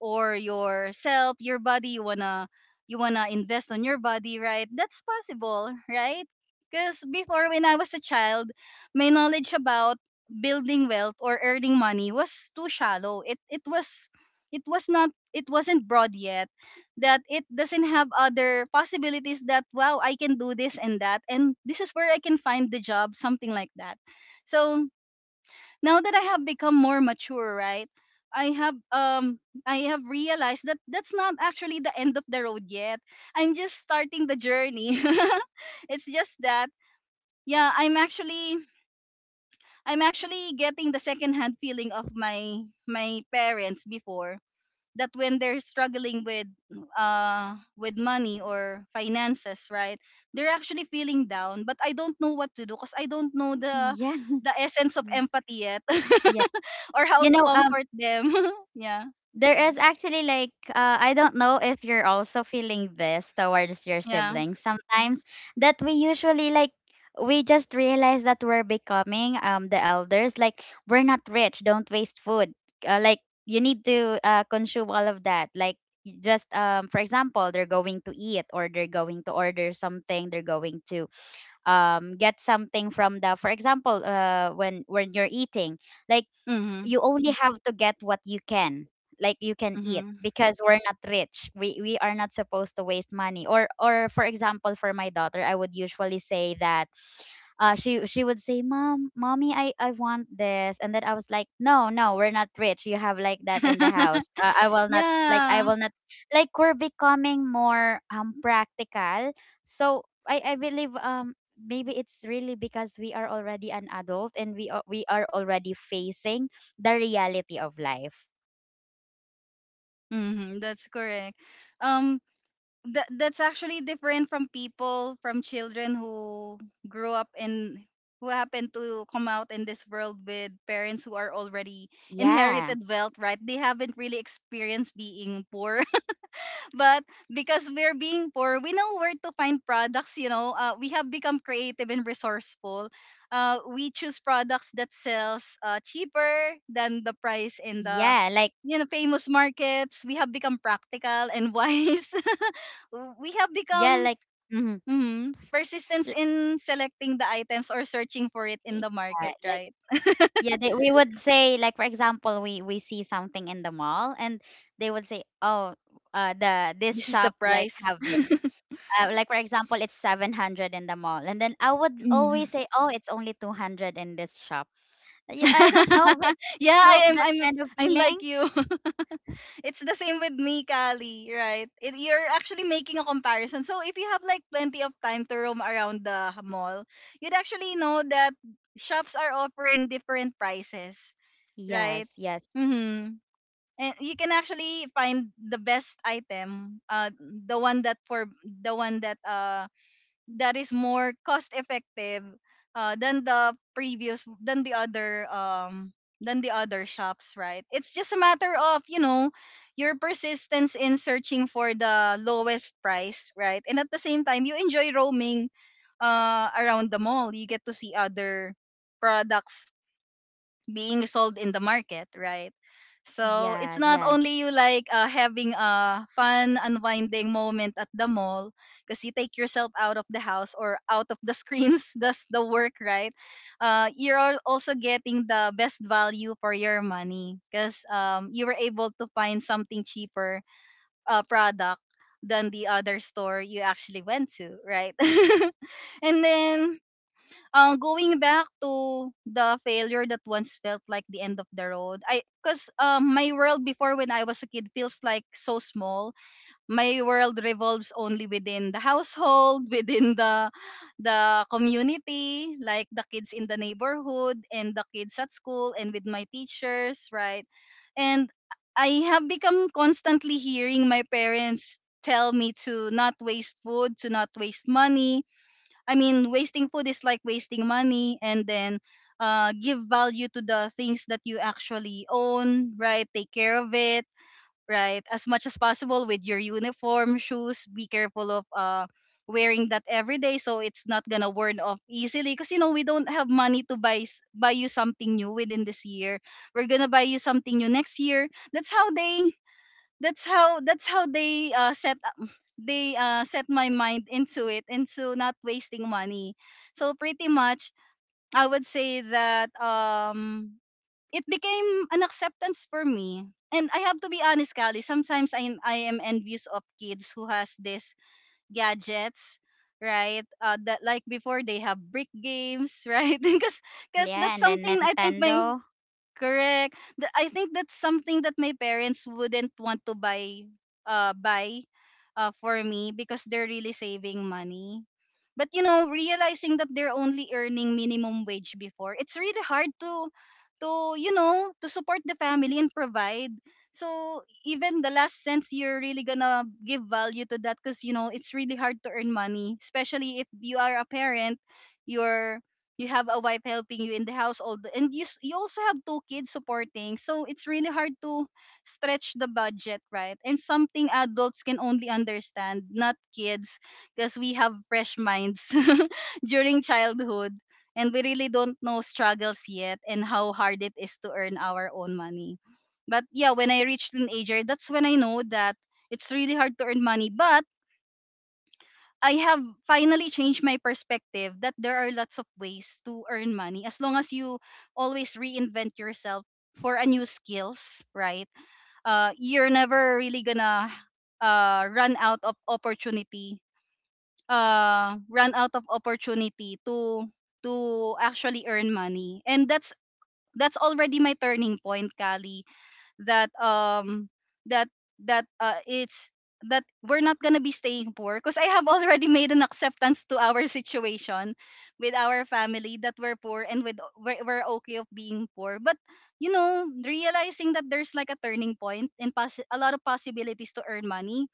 [SPEAKER 1] or yourself, your body. You wanna, you wanna invest on your body, right? That's possible, right? Because before, when I was a child, my knowledge about building wealth or earning money was too shallow. It it was, it was not, it wasn't broad yet, that it doesn't have other possibilities, that wow, I can do this and that, and this is where I can find the job, something like that. So now that I have become more mature, right? I have um I have realized that that's not actually the end of the road yet. I'm just starting the journey. It's just that, yeah, i'm actually I'm actually getting the second hand feeling of my my parents before, that when they're struggling with uh with money or finances, right? They're actually feeling down, but I don't know what to do because I don't know the
[SPEAKER 2] Yeah.
[SPEAKER 1] the essence of
[SPEAKER 2] Yeah.
[SPEAKER 1] empathy yet,
[SPEAKER 2] Yeah.
[SPEAKER 1] or how
[SPEAKER 2] You
[SPEAKER 1] to
[SPEAKER 2] know, um
[SPEAKER 1] comfort them. Yeah.
[SPEAKER 2] there is actually like, uh, I don't know if you're also feeling this towards your
[SPEAKER 1] Yeah.
[SPEAKER 2] siblings sometimes, that we usually like, we just realize that we're becoming, um the elders, like we're not rich, don't waste food, uh, like you need to, uh, consume all of that, like y- just, um for example they're going to eat or they're going to order something, they're going to, um get something from the, for example, uh when when you're eating like,
[SPEAKER 1] Mhm.
[SPEAKER 2] you only have to get what you can, like you can eat,
[SPEAKER 1] Mhm.
[SPEAKER 2] because we're not rich, we we are not supposed to waste money. or or for example, for my daughter, I would usually say that, uh, she she would say, "Mom, mommy, I I want this," and then I was like, "No, no, we're not rich. You have like that in the house. Uh, I will not like, I
[SPEAKER 1] Yeah.
[SPEAKER 2] will not like, we're becoming more, um practical." So I I believe, um maybe it's really because we are already an adult, and we are, we are already facing the reality of life.
[SPEAKER 1] Mhm, that's correct. um that that's actually different from people, from children who grew up in, who happen to come out in this world with parents who are already
[SPEAKER 2] Yeah,
[SPEAKER 1] inherited wealth, right? They haven't really experienced being poor. But because we're being poor, we know where to find products, you know. Uh, we have become creative and resourceful. Uh, we choose products that sells uh, cheaper than the price in the,
[SPEAKER 2] yeah, like,
[SPEAKER 1] you know, famous markets. We have become practical and wise. W- we have
[SPEAKER 2] yeah,
[SPEAKER 1] become,
[SPEAKER 2] like. Mhm.
[SPEAKER 1] mhm, persistence
[SPEAKER 2] L-
[SPEAKER 1] in selecting the items or searching for it in the market,
[SPEAKER 2] Yeah,
[SPEAKER 1] right?
[SPEAKER 2] yeah, they, we would say like for example, we we see something in the mall, and they would say, "Oh, uh the this
[SPEAKER 1] This is the
[SPEAKER 2] shop like
[SPEAKER 1] price.
[SPEAKER 2] have this." Uh, like for example, it's seven hundred in the mall. And then I would
[SPEAKER 1] Mm.
[SPEAKER 2] always say, "Oh, it's only two hundred in this shop." Yeah, I don't know, but
[SPEAKER 1] Yeah,
[SPEAKER 2] you know
[SPEAKER 1] I am
[SPEAKER 2] that
[SPEAKER 1] I'm
[SPEAKER 2] kind of
[SPEAKER 1] I'm like
[SPEAKER 2] feeling?
[SPEAKER 1] you. It's the same with me, Kali, right? It, you're actually making a comparison. So if you have like plenty of time to roam around the mall, you'd actually know that shops are offering different prices, right?
[SPEAKER 2] Yes, yes.
[SPEAKER 1] Mhm. And you can actually find the best item, uh the one that for the one that uh that is more cost effective uh than the previous than the other um than the other shops, right? It's just a matter of, you know, your persistence in searching for the lowest price, right? And at the same time, you enjoy roaming uh around the mall. You get to see other products being sold in the market, right? So it's
[SPEAKER 2] Yes,
[SPEAKER 1] not
[SPEAKER 2] yeah.
[SPEAKER 1] only you like uh, having a fun unwinding moment at the mall, because you take yourself out of the house or out of the screens, does the work, right? Uh, you're al- also getting the best value for your money because um, you were able to find something cheaper uh, product than the other store you actually went to, right? And then, uh, going back to the failure that once felt like the end of the road. I Because um, my world before, when I was a kid, feels like so small. My world revolves only within the household, within the the community, like the kids in the neighborhood and the kids at school and with my teachers, right? And I have become constantly hearing my parents tell me to not waste food, to not waste money. I mean, wasting food is like wasting money. And then, uh, give value to the things that you actually own, right? Take care of it, right? As much as possible with your uniform, shoes. Be careful of uh, wearing that every day, so it's not gonna worn off easily. Cause you know we don't have money to buy s- buy you something new within this year. We're gonna buy you something new next year. That's how they, that's how that's how they uh, set up they uh, set my mind into it, into not wasting money. So pretty much, I would say that um it became an acceptance for me. And I have to be honest, Callie, sometimes i, I am envious of kids who has this gadgets, right? Uh, that like before, they have brick games, right? Because because
[SPEAKER 2] Yeah,
[SPEAKER 1] that's
[SPEAKER 2] and then
[SPEAKER 1] something I think my,
[SPEAKER 2] Nintendo.
[SPEAKER 1] correct, Th- I think that's something that my parents wouldn't want to buy uh buy uh for me because they're really saving money. But you know, realizing that they're only earning minimum wage before, it's really hard to to you know, to support the family and provide. So even the last cents, you're really gonna give value to that, because you know it's really hard to earn money, especially if you are a parent. You're, you have a wife helping you in the household, and you s- you also have two kids supporting, so it's really hard to stretch the budget, right? And something adults can only understand, not kids, because we have fresh minds during childhood, and we really don't know struggles yet, and how hard it is to earn our own money. But yeah, when I reached teenager, that's when I know that it's really hard to earn money. But I have finally changed my perspective that there are lots of ways to earn money, as long as you always reinvent yourself for a new skills, right? Uh, you're never really gonna uh, run out of opportunity uh, run out of opportunity to to actually earn money. And that's that's already my turning point, Kali. that um that that uh, it's that we're not gonna be staying poor, because I have already made an acceptance to our situation with our family, that we're poor, and with we're, we're okay of being poor. But you know, realizing that there's like a turning point and possi a lot of possibilities to earn money,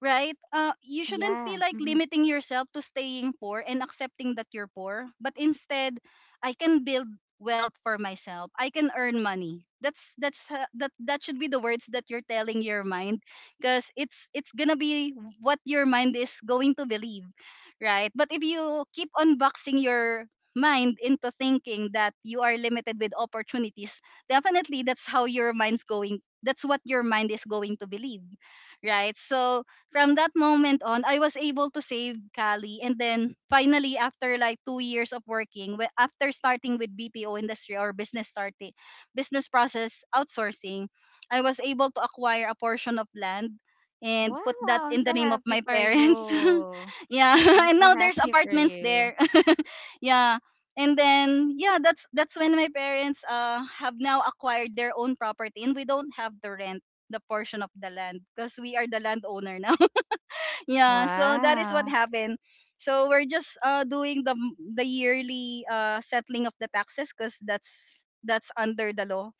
[SPEAKER 1] right? Uh, you shouldn't be
[SPEAKER 2] Yeah.
[SPEAKER 1] like
[SPEAKER 2] Hmm.
[SPEAKER 1] limiting yourself to staying poor and accepting that you're poor, but instead, I can build wealth for myself. I can earn money. That's that's h- that That should be the words that you're telling your mind, because it's it's going to be what your mind is going to believe, right? But if you keep on boxing your mind into thinking that you are limited with opportunities, definitely that's how your mind's going that's what your mind is going to believe, right? So from that moment on, I was able to save, Cali. And then finally, after like two years of working, wh- after starting with B P O industry, or business starting, business process outsourcing, I was able to acquire a portion of land and
[SPEAKER 2] Wow,
[SPEAKER 1] put that
[SPEAKER 2] I'm
[SPEAKER 1] in the
[SPEAKER 2] so
[SPEAKER 1] name of
[SPEAKER 2] happy
[SPEAKER 1] my
[SPEAKER 2] for you.
[SPEAKER 1] parents. Yeah.
[SPEAKER 2] I'm
[SPEAKER 1] And
[SPEAKER 2] so
[SPEAKER 1] now there's
[SPEAKER 2] happy for
[SPEAKER 1] apartments
[SPEAKER 2] you.
[SPEAKER 1] there. Yeah. And then yeah, that's that's when my parents uh have now acquired their own property, and we don't have to rent the portion of the land because we are the landowner now. Yeah, so that is what
[SPEAKER 2] Wow.
[SPEAKER 1] happened. So we're just uh doing the m- the yearly uh settling of the taxes, because that's that's under the law,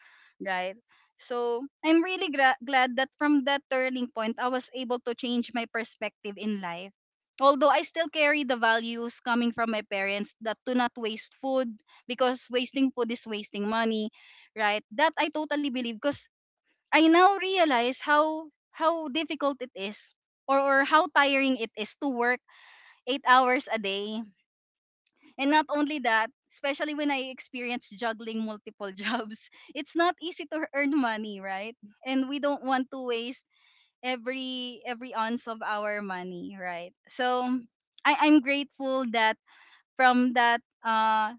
[SPEAKER 1] right? So I'm really gra- glad that from that turning point, I was able to change my perspective in life. Although I still carry the values coming from my parents, that do not waste food, because wasting food is wasting money, right? That I totally believe, because I now realize how how difficult it is, or, or how tiring it is to work eight hours a day. And not only that, especially when I experienced juggling multiple jobs, it's not easy to earn money, right? And we don't want to waste every every ounce of our money, right? So I, I'm grateful that from that uh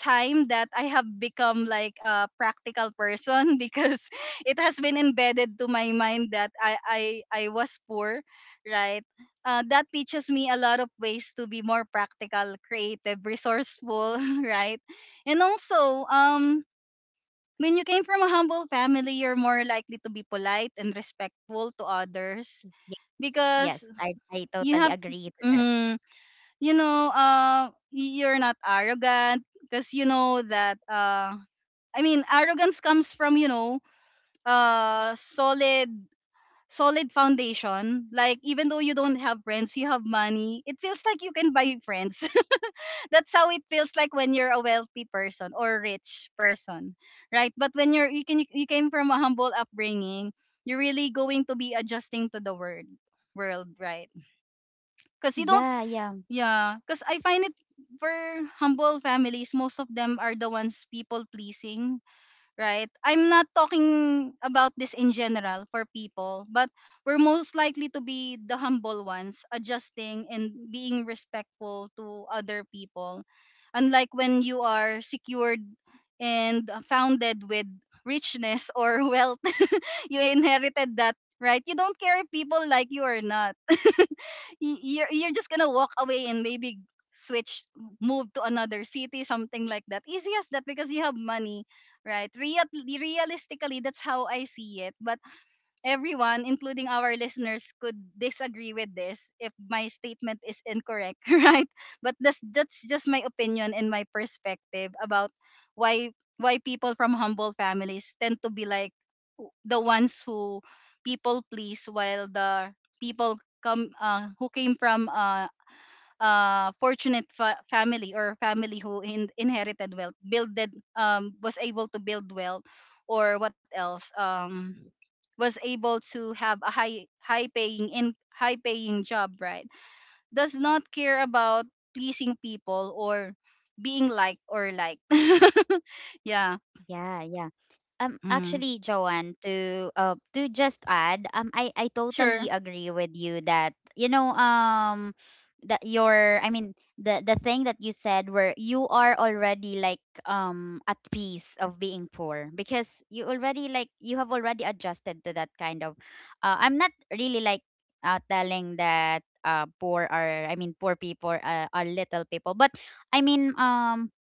[SPEAKER 1] time that I have become like a practical person because it has been embedded to my mind that I I I was poor, right? Uh, that teaches me a lot of ways to be more practical, creative, resourceful, right? And also, um, when you came from a humble family, you're more likely to be polite and respectful to others
[SPEAKER 2] Yes,
[SPEAKER 1] because
[SPEAKER 2] yes, I I
[SPEAKER 1] you
[SPEAKER 2] totally
[SPEAKER 1] have.
[SPEAKER 2] agree to that.
[SPEAKER 1] Mhm. You know, uh, y- you're not arrogant because you know that. Uh, I mean, arrogance comes from you know, uh, solid, solid foundation. Like even though you don't have friends, you have money. It feels like you can buy friends. That's how it feels like when you're a wealthy person or rich person, right? But when you're you can you came from a humble upbringing, you're really going to be adjusting to the world, world, right? Because you don't
[SPEAKER 2] Yeah, yeah.
[SPEAKER 1] Yeah, because I find it for humble families, most of them are the ones people pleasing, right? I'm not talking about this in general for people, but we're most likely to be the humble ones, adjusting and being respectful to other people. Unlike when you are secured and founded with richness or wealth, you inherited that, right? You don't care if people like you or not. Y- you're you're just gonna walk away and maybe switch move to another city, something like that, easy as that because you have money, right? Real, realistically that's how I see it. But everyone, including our listeners, could disagree with this if my statement is incorrect, right? But that's that's just my opinion and my perspective about why why people from humble families tend to be like w- the ones who people please, while the people come uh, who came from uh, uh, fortunate fa- family, or family who in- inherited wealth, builded, um, was able to build wealth, or what else, um, was able to have a high high paying in high paying job, right? Does not care about pleasing people or being liked or liked. Yeah.
[SPEAKER 2] Yeah, yeah. Um,
[SPEAKER 1] Mm.
[SPEAKER 2] actually, Joanne, to uh, to just add, um, I I
[SPEAKER 1] Sure.
[SPEAKER 2] totally agree with you that you know um that your I mean the the thing that you said where you are already like um at peace of being poor because you already like you have already adjusted to that kind of uh, I'm not really like uh, telling that uh poor are I mean poor people are, are little people but I mean um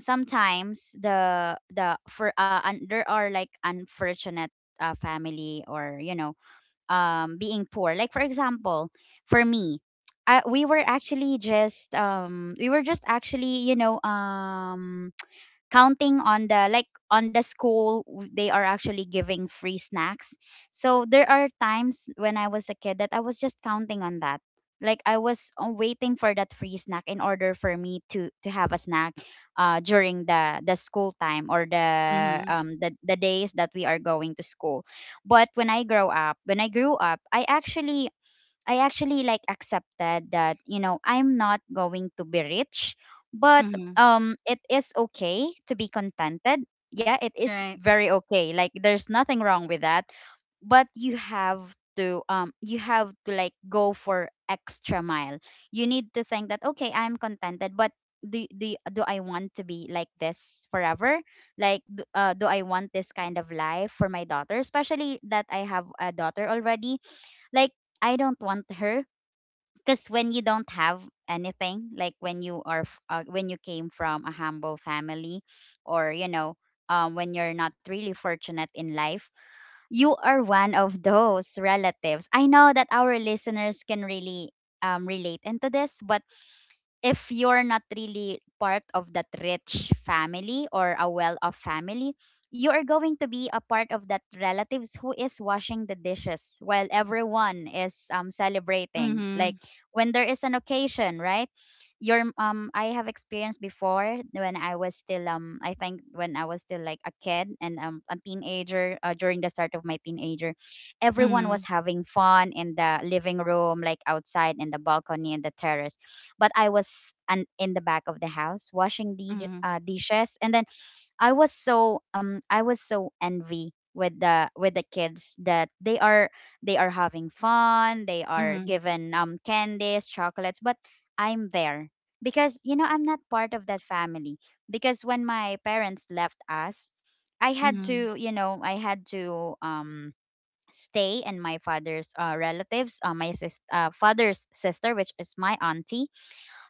[SPEAKER 2] sometimes the the for uh, un, there are like unfortunate uh, family or you know um being poor like for example for me I, we were actually just um we were just actually you know um counting on the like on the school w- they are actually giving free snacks. So there are times when I was a kid that I was just counting on that. Like I was uh, waiting for that free snack in order for me to to have a snack uh during the the school time or the
[SPEAKER 1] Mm-hmm.
[SPEAKER 2] um the, the days that we are going to school. But when i grow up when I grew up, I actually I actually like accepted that you know I'm not going to be rich, but
[SPEAKER 1] Mm-hmm.
[SPEAKER 2] um it is okay to be contented. Yeah, it is
[SPEAKER 1] Right.
[SPEAKER 2] very okay. Like there's nothing wrong with that, but you have to um you have to like go for extra mile. You need to think that okay, I'm contented, but do do do I want to be like this forever? Like d- uh, do I want this kind of life for my daughter, especially that I have a daughter already? Like I don't want her because when you don't have anything, like when you are f- uh, when you came from a humble family, or you know, um, when you're not really fortunate in life, you are one of those relatives. I know that our listeners can really um relate into this, but if you're not really part of that rich family or a well-off family, you are going to be a part of that relatives who is washing the dishes while everyone is um celebrating.
[SPEAKER 1] Mm-hmm.
[SPEAKER 2] Like when there is an occasion, right? Your um I have experienced before when I was still um I think when I was still like a kid and um a teenager uh, during the start of my teenager, everyone
[SPEAKER 1] Mm-hmm.
[SPEAKER 2] was having fun in the living room, like outside in the balcony and the terrace, but I was an, in the back of the house washing the
[SPEAKER 1] Mm-hmm.
[SPEAKER 2] uh, dishes, and then I was so um I was so envy with the with the kids that they are they are having fun, they are
[SPEAKER 1] Mm-hmm.
[SPEAKER 2] given um candies, chocolates, but I'm there because you know I'm not part of that family. Because when my parents left us, I had
[SPEAKER 1] Mm-hmm.
[SPEAKER 2] to you know I had to um stay in my father's uh, relatives, uh, my sis- uh, father's sister, which is my auntie.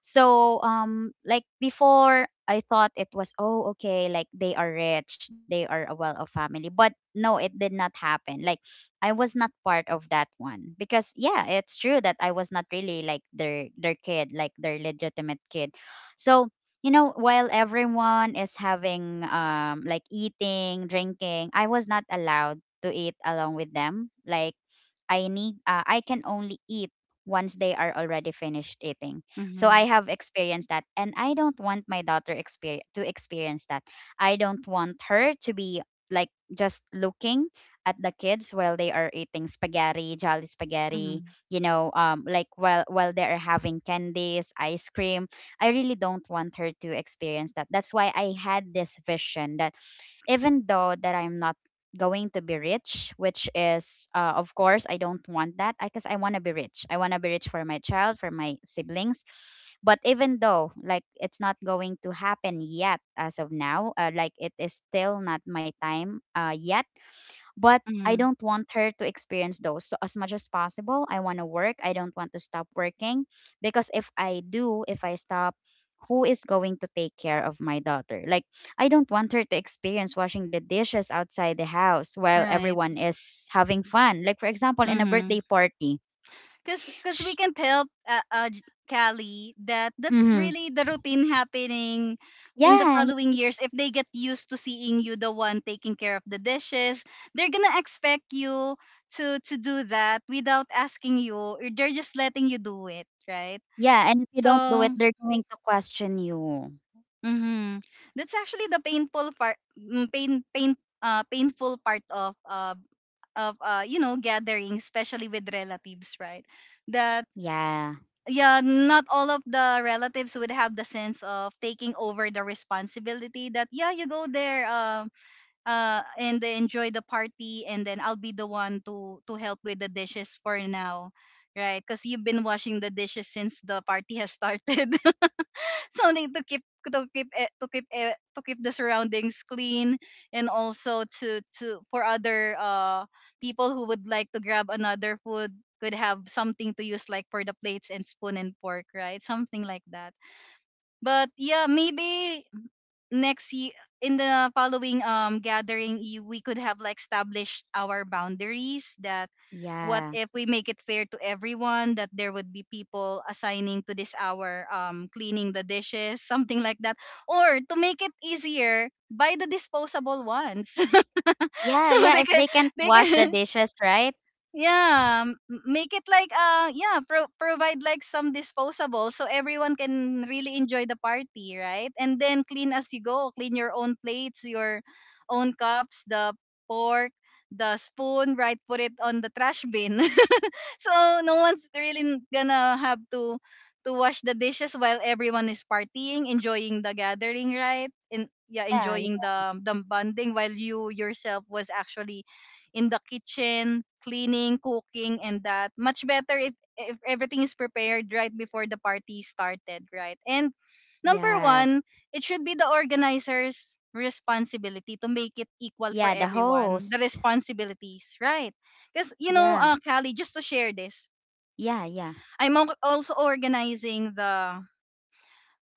[SPEAKER 2] So um like before I thought it was oh okay like they are rich, they are a well-off family. But no, it did not happen. Like I was not part of that one because yeah, it's true that I was not really like their their kid, like their legitimate kid. So you know, while everyone is having um like eating, drinking, I was not allowed to eat along with them. Like I need uh, I can only eat once they are already finished eating. So
[SPEAKER 1] Mm-hmm.
[SPEAKER 2] I have experienced that and I don't want my daughter experience to experience that. I don't want her to be like just looking at the kids while they are eating spaghetti, jolly spaghetti, you know, um like while while they are having candies, ice cream. I really don't want her to experience that. That's why I had this vision that even though that I'm not going to be rich, which is, uh, of course, I don't want that because I want to be rich. I want to be rich for my child, for my siblings. But even though, like, it's not going to happen yet as of now, uh, like, it is still not my time uh, yet, but I
[SPEAKER 1] Mm-hmm.
[SPEAKER 2] don't want her to experience those. So as much as possible, I want to work. I don't want to stop working because if I do, if I stop, who is going to take care of my daughter? Like I don't want her to experience washing the dishes outside the house while
[SPEAKER 1] Right.
[SPEAKER 2] everyone is having fun. Like for example, in a
[SPEAKER 1] Mm-hmm.
[SPEAKER 2] birthday party.
[SPEAKER 1] Cause, cause we
[SPEAKER 2] Sh-
[SPEAKER 1] can't help uh, uh, J- Callie, that that's
[SPEAKER 2] mm-hmm.
[SPEAKER 1] really the routine happening in the
[SPEAKER 2] Yeah, yeah,
[SPEAKER 1] following years. If they get used to seeing you the one taking care of the dishes, they're gonna expect you to to do that without asking you, or they're just letting you do it, right?
[SPEAKER 2] yeah. And if you
[SPEAKER 1] So,
[SPEAKER 2] don't do it, they're going to question you.
[SPEAKER 1] mm-hmm, that's actually the painful part, mm, pain, pain, uh, painful part of uh of uh you know, gathering, especially with relatives, right? That
[SPEAKER 2] Yeah,
[SPEAKER 1] yeah, not all of the relatives would have the sense of taking over the responsibility that yeah, you go there, um uh and they enjoy the party, and then I'll be the one to to help with the dishes for now. Right? Cuz you've been washing the dishes since the party has started, something to keep to keep e- to keep e- to keep the surroundings clean, and also to to for other uh people who would like to grab another food could have something to use, like for the plates and spoon and fork, right, something like that. But yeah, maybe next year, in the following um gathering, you, we could have like established our boundaries that what
[SPEAKER 2] yeah,
[SPEAKER 1] if we make it fair to everyone, that there would be people assigning to this hour um cleaning the dishes, something like that, or to make it easier buy the disposable ones.
[SPEAKER 2] yeah,
[SPEAKER 1] So
[SPEAKER 2] yeah.
[SPEAKER 1] they
[SPEAKER 2] If
[SPEAKER 1] can
[SPEAKER 2] they can't
[SPEAKER 1] they
[SPEAKER 2] wash the
[SPEAKER 1] can
[SPEAKER 2] dishes, right?
[SPEAKER 1] yeah, m- m- make it like uh yeah, pro- provide like some disposable so everyone can really enjoy the party, right? And then clean as you go, clean your own plates, your own cups, the pork, the spoon, right? Put it on the trash bin. So no one's really gonna have to to wash the dishes while everyone is partying, enjoying the gathering, right? And yeah,
[SPEAKER 2] Yeah,
[SPEAKER 1] enjoying
[SPEAKER 2] yeah.
[SPEAKER 1] the the bonding while you yourself was actually in the kitchen cleaning, cooking, and that. Much better if if everything is prepared right before the party started, right? And number
[SPEAKER 2] Yeah.
[SPEAKER 1] one, it should be the organizer's responsibility to make it equal
[SPEAKER 2] Yeah,
[SPEAKER 1] for
[SPEAKER 2] the
[SPEAKER 1] everyone. The
[SPEAKER 2] host.
[SPEAKER 1] responsibilities, right? Because, you know,
[SPEAKER 2] Yeah.
[SPEAKER 1] uh, Callie, just to share this,
[SPEAKER 2] Yeah, yeah.
[SPEAKER 1] I'm al- also organizing the.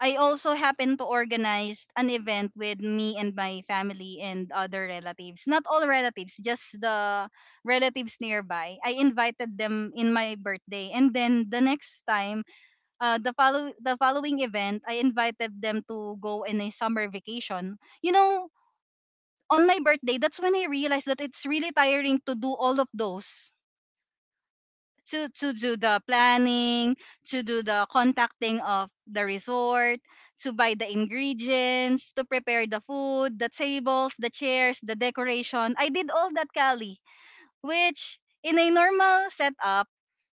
[SPEAKER 1] I also happen to organize an event with me and my family and other relatives. Not all relatives, just the relatives nearby. I invited them in my birthday, and then the next time, uh, the follow the following event, I invited them to go in a summer vacation. You know, on my birthday, that's when I realized that it's really tiring to do all of those, to to do the planning, to do the contacting of the resort, to buy the ingredients, to prepare the food, the tables, the chairs, the decoration. I did all that, Kali, which in a normal setup,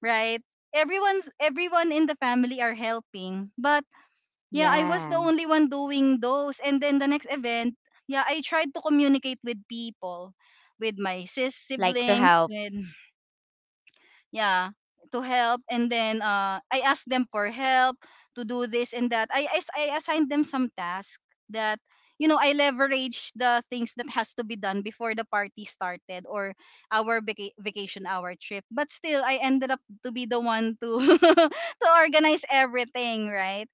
[SPEAKER 1] right? Everyone's everyone in the family are helping, but yeah, I was the
[SPEAKER 2] Yeah.
[SPEAKER 1] only one doing those. And then the next event, yeah, I tried to communicate with people, with my sis
[SPEAKER 2] Like to
[SPEAKER 1] siblings,
[SPEAKER 2] help.
[SPEAKER 1] with yeah to help. And then uh I asked them for help to do this and that. I I, I assigned them some task that, you know, I leverage the things that has to be done before the party started or our vaca- vacation, our trip, but still I ended up to be the one to to organize everything, right?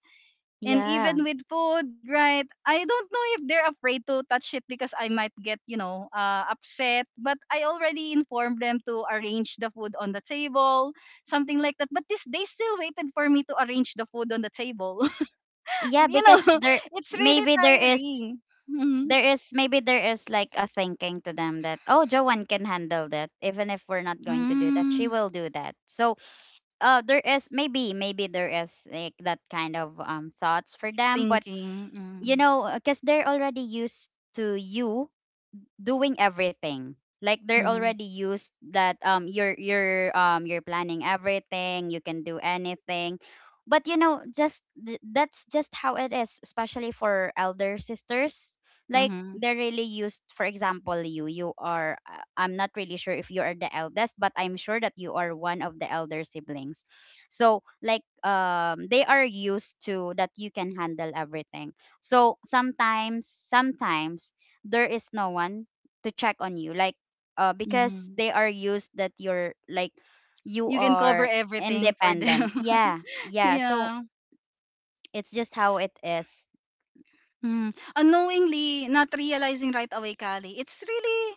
[SPEAKER 1] And
[SPEAKER 2] Yeah.
[SPEAKER 1] even with food, right? I don't know if they're afraid to touch it because I might get, you know, uh, upset. But I already informed them to arrange the food on the table, something like that. But this they still waited for me to arrange the food on the table.
[SPEAKER 2] Yeah,
[SPEAKER 1] You know,
[SPEAKER 2] because there
[SPEAKER 1] it's really
[SPEAKER 2] maybe there is
[SPEAKER 1] tiring. Mm-hmm.
[SPEAKER 2] there is maybe there is like a thinking to them that oh, Joanne can handle that even if we're not going to do that, she
[SPEAKER 1] Mm,
[SPEAKER 2] will do that. So uh there is maybe maybe there is like that kind of um thoughts for them but
[SPEAKER 1] thinking.
[SPEAKER 2] you
[SPEAKER 1] Mm,
[SPEAKER 2] know because they're already used to you doing everything. Like they're
[SPEAKER 1] mm,
[SPEAKER 2] already used that um you're you're um you're planning everything, you can do anything but you know just th- that's just how it is, especially for elder sisters. Like
[SPEAKER 1] mm,
[SPEAKER 2] they're really used for example you you are uh, I'm not really sure if you are the eldest but I'm sure that you are one of the elder siblings. So like um they are used to that you can handle everything. So sometimes sometimes there is no one to check on you like uh because
[SPEAKER 1] mm.
[SPEAKER 2] they are used that you're like you
[SPEAKER 1] You can cover
[SPEAKER 2] are
[SPEAKER 1] everything for
[SPEAKER 2] independent,
[SPEAKER 1] them.
[SPEAKER 2] yeah, yeah. So
[SPEAKER 1] Yeah.
[SPEAKER 2] it's just how it is.
[SPEAKER 1] Mm. Unknowingly, not realizing right away, Kali, it's really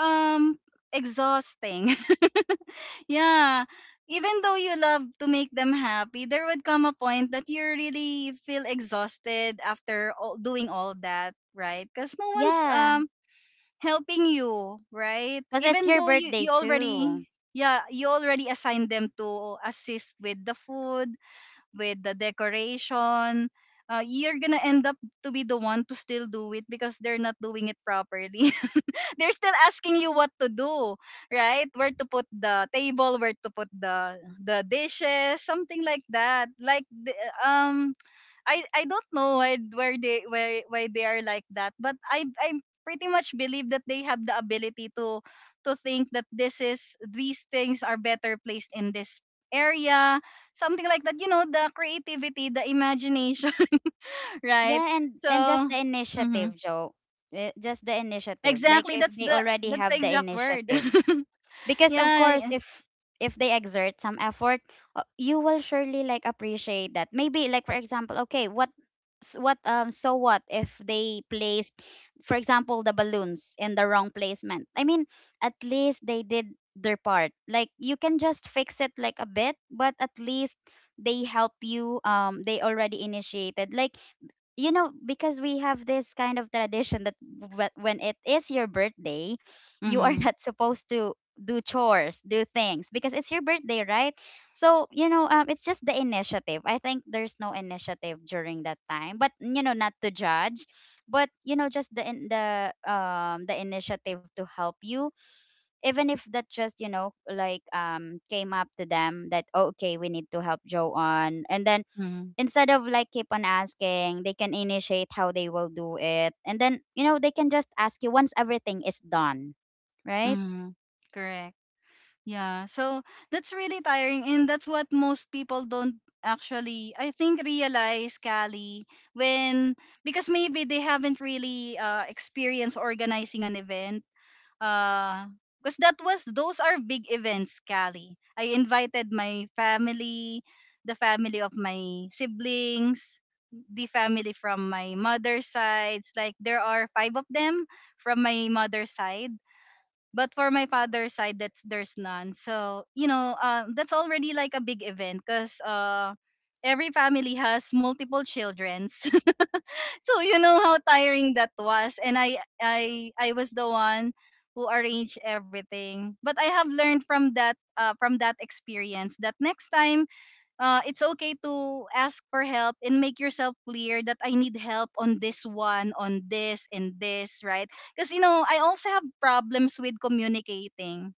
[SPEAKER 1] um exhausting. Yeah. Even though you love to make them happy, there would come a point that you really feel exhausted after all, doing all that, right? Because no one's um
[SPEAKER 2] Yeah,
[SPEAKER 1] helping you, right?
[SPEAKER 2] because it's
[SPEAKER 1] Even
[SPEAKER 2] your
[SPEAKER 1] though you
[SPEAKER 2] birthday
[SPEAKER 1] you already
[SPEAKER 2] too.
[SPEAKER 1] yeah you already assigned them to assist with the food, with the decoration, uh, you're gonna end up to be the one to still do it because they're not doing it properly. They're still asking you what to do, right, where to put the table, where to put the the dishes, something like that, like the- um I I don't know why where they why why they are like that, but I I pretty much believe that they have the ability to to think that this is these things are better placed in this area, something like that. You know, the creativity, the imagination, right?
[SPEAKER 2] Yeah, and
[SPEAKER 1] So.
[SPEAKER 2] and just the
[SPEAKER 1] Mhm.
[SPEAKER 2] initiative, Joe. Eh, just the initiative, like
[SPEAKER 1] Exactly,
[SPEAKER 2] if
[SPEAKER 1] that's
[SPEAKER 2] they
[SPEAKER 1] the
[SPEAKER 2] already
[SPEAKER 1] that's the
[SPEAKER 2] have the
[SPEAKER 1] exact word.
[SPEAKER 2] initiative. Because of
[SPEAKER 1] Yeah.
[SPEAKER 2] course
[SPEAKER 1] Yeah.
[SPEAKER 2] if if they exert some effort uh, you will surely like appreciate that. Maybe like for example okay what s- what um so what if they placed for example the balloons in the wrong placement? I mean, at least they did their part. Like you can just fix it like a bit but at least they help you, um they already initiated. Like you know because we have this kind of tradition that wh- when it is your birthday you are
[SPEAKER 1] Mhm.
[SPEAKER 2] not supposed to do chores, do things because it's your birthday, right? So you know um, it's just the initiative. I think there's no initiative during that time but you know not to judge but you know just the in the um the initiative to help you. Even if that just you know like um came up to them that oh, okay, we need to help Joe on, and then
[SPEAKER 1] Mhm.
[SPEAKER 2] instead of like keep on asking, they can initiate how they will do it. And then, you know, they can just ask you once everything is done, right?
[SPEAKER 1] Mhm. Correct. Yeah, so that's really tiring, and that's what most people don't actually, I think, realize, Callie, when, because maybe they haven't really uh, experienced organizing an event. Uh, because that was those are big events, Callie. I invited my family, the family of my siblings, the family from my mother's sides. Like there are five of them from my mother's side, but for my father's side, that's there's none. So you know, um, that's already like a big event because uh, every family has multiple children. So you know how tiring that was, and i i i was the one who arranged everything, but I have learned from that, uh, from that experience, that next time uh, it's okay to ask for help and make yourself clear that I need help on this one, on this, and this, right? Because, you know, I also have problems with communicating.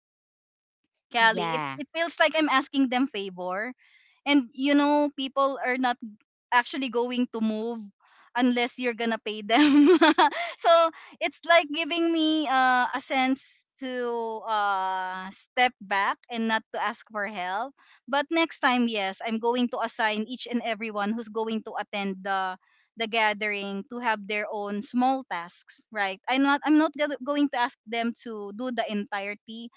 [SPEAKER 1] Callie. It
[SPEAKER 2] Yeah.
[SPEAKER 1] it feels like I'm asking them favor. And you know, people are not actually going to move unless you're gonna pay them. So it's like giving me uh, a sense to uh, step back and not to ask for help. But next time, yes, I'm going to assign each and everyone who's going to attend the the gathering to have their own small tasks, right? I'm not I'm not gonna- going to ask them to do the entirety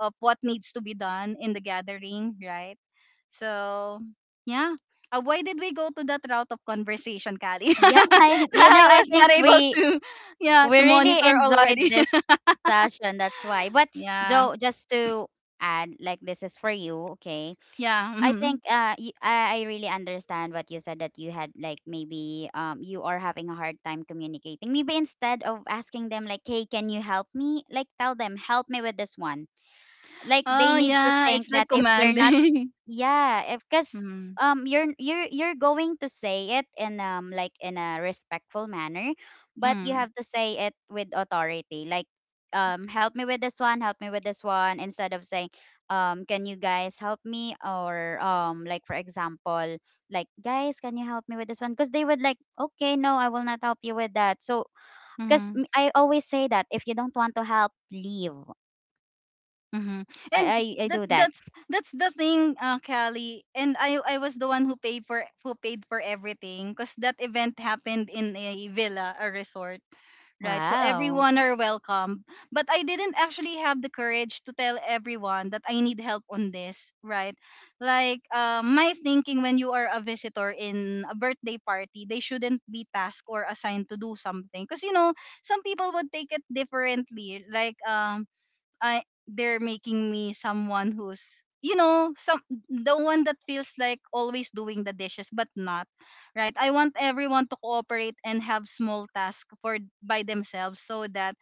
[SPEAKER 1] of what needs to be done in the gathering, right? So, yeah. Uh, why did we go to that route of conversation, Kali?
[SPEAKER 2] Yeah, I, you
[SPEAKER 1] I
[SPEAKER 2] know, I
[SPEAKER 1] was
[SPEAKER 2] think
[SPEAKER 1] not able
[SPEAKER 2] we
[SPEAKER 1] to, yeah,
[SPEAKER 2] we
[SPEAKER 1] to
[SPEAKER 2] really
[SPEAKER 1] monitor
[SPEAKER 2] enjoyed
[SPEAKER 1] already.
[SPEAKER 2] this session. That's why. But
[SPEAKER 1] Yeah,
[SPEAKER 2] Joe, just to add, like this is for you, okay?
[SPEAKER 1] yeah.
[SPEAKER 2] I
[SPEAKER 1] Mhm.
[SPEAKER 2] think uh, y- I I really understand what you said that you had like maybe um you are having a hard time communicating. Maybe instead of asking them like, hey, can you help me? Like tell them, help me with this one. Like they
[SPEAKER 1] Oh,
[SPEAKER 2] need to
[SPEAKER 1] yeah.
[SPEAKER 2] think
[SPEAKER 1] It's
[SPEAKER 2] that
[SPEAKER 1] like
[SPEAKER 2] if they're not,
[SPEAKER 1] commanding.
[SPEAKER 2] yeah, if because
[SPEAKER 1] Mm-hmm.
[SPEAKER 2] um you're you're you're going to say it in um like in a respectful manner but you
[SPEAKER 1] Mm-hmm.
[SPEAKER 2] have to say it with authority. Like um help me with this one, help me with this one, instead of saying um can you guys help me? Or um like for example like guys can you help me with this one? Because they would like okay, no, I will not help you with that. So because I always say that if you don't want to help, leave.
[SPEAKER 1] Mm-hmm.
[SPEAKER 2] i
[SPEAKER 1] And
[SPEAKER 2] i, I
[SPEAKER 1] that
[SPEAKER 2] do that.
[SPEAKER 1] that's that's the thing, uh, Callie. And I I was the one who paid for who paid for everything because that event happened in a villa, a resort, right? So
[SPEAKER 2] Wow.
[SPEAKER 1] everyone are welcome. But I didn't actually have the courage to tell everyone that I need help on this, right? Like uh, my thinking, when you are a visitor in a birthday party, they shouldn't be tasked or assigned to do something because you know some people would take it differently. Like um I they're making me someone who's, you know, some the one that feels like always doing the dishes, but not, right, I want everyone to cooperate and have small tasks for by themselves so that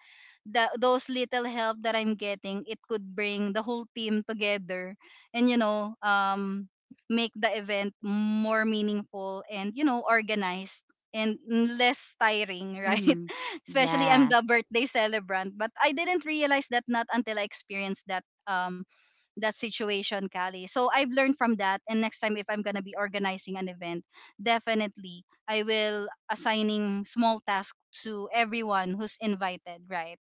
[SPEAKER 1] the those little help that I'm getting, it could bring the whole team together, and you know, um make the event more meaningful and, you know, organized and less tiring, right?
[SPEAKER 2] Mm-hmm.
[SPEAKER 1] Especially I'm
[SPEAKER 2] Yes.
[SPEAKER 1] the birthday celebrant, but I didn't realize that not until I experienced that um that situation, Kali. So I've learned from that, and next time if I'm gonna be organizing an event, definitely I will assigning small tasks to everyone who's invited, right?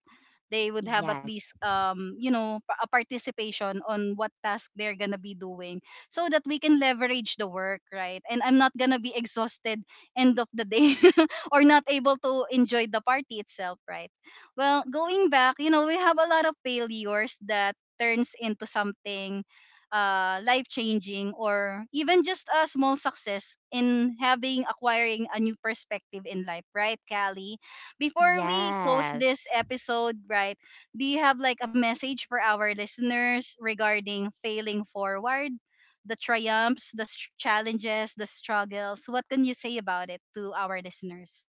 [SPEAKER 1] They would have at
[SPEAKER 2] Yes.
[SPEAKER 1] least um you know pa- a participation on what task they're gonna be doing, so that we can leverage the work, right, and I'm not gonna be exhausted end of the day. Or not able to enjoy the party itself, right? Well, going back, you know, we have a lot of failures that turns into something uh, life changing, or even just a small success in having acquiring a new perspective in life, right, Callie? Before we close this
[SPEAKER 2] Yes.
[SPEAKER 1] episode, right, do you have like a message for our listeners regarding failing forward, the triumphs, the str- challenges, the struggles? What can you say about it to our listeners?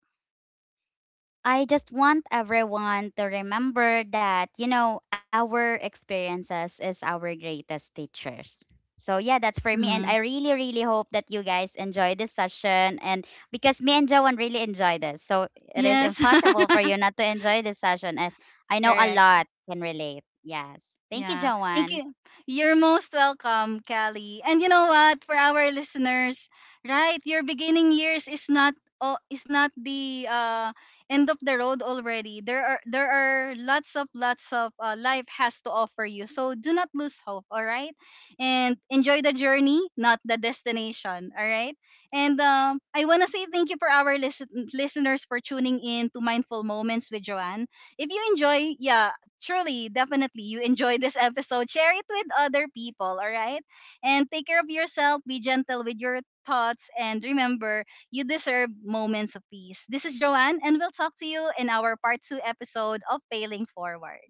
[SPEAKER 2] I just want everyone to remember that, you know, our experiences is our greatest teachers. So yeah, that's for me. And
[SPEAKER 1] Hmm.
[SPEAKER 2] I really, really hope that you guys enjoy this session. And because me and Joan really enjoy this. So it is
[SPEAKER 1] Yes,
[SPEAKER 2] impossible for you not to enjoy this session as I know a
[SPEAKER 1] correct.
[SPEAKER 2] lot can relate. Yes. Thank you,
[SPEAKER 1] Yeah. Thank
[SPEAKER 2] Joan.
[SPEAKER 1] you. You're most welcome, Callie. And you know what? For our listeners, right, your beginning years is not, oh, is not the uh end of the road already. There are there are lots of lots of uh, life has to offer you. So do not lose hope, all right? And enjoy the journey, not the destination, all right? And um I want to say thank you for our listen- listeners for tuning in to Mindful Moments with Joanne. If you enjoy, yeah, truly, definitely, you enjoy this episode. Share it with other people, all right? And take care of yourself. Be gentle with your thoughts. And remember, you deserve moments of peace. This is Joanne, and we'll talk to you in our part two episode of Failing Forward.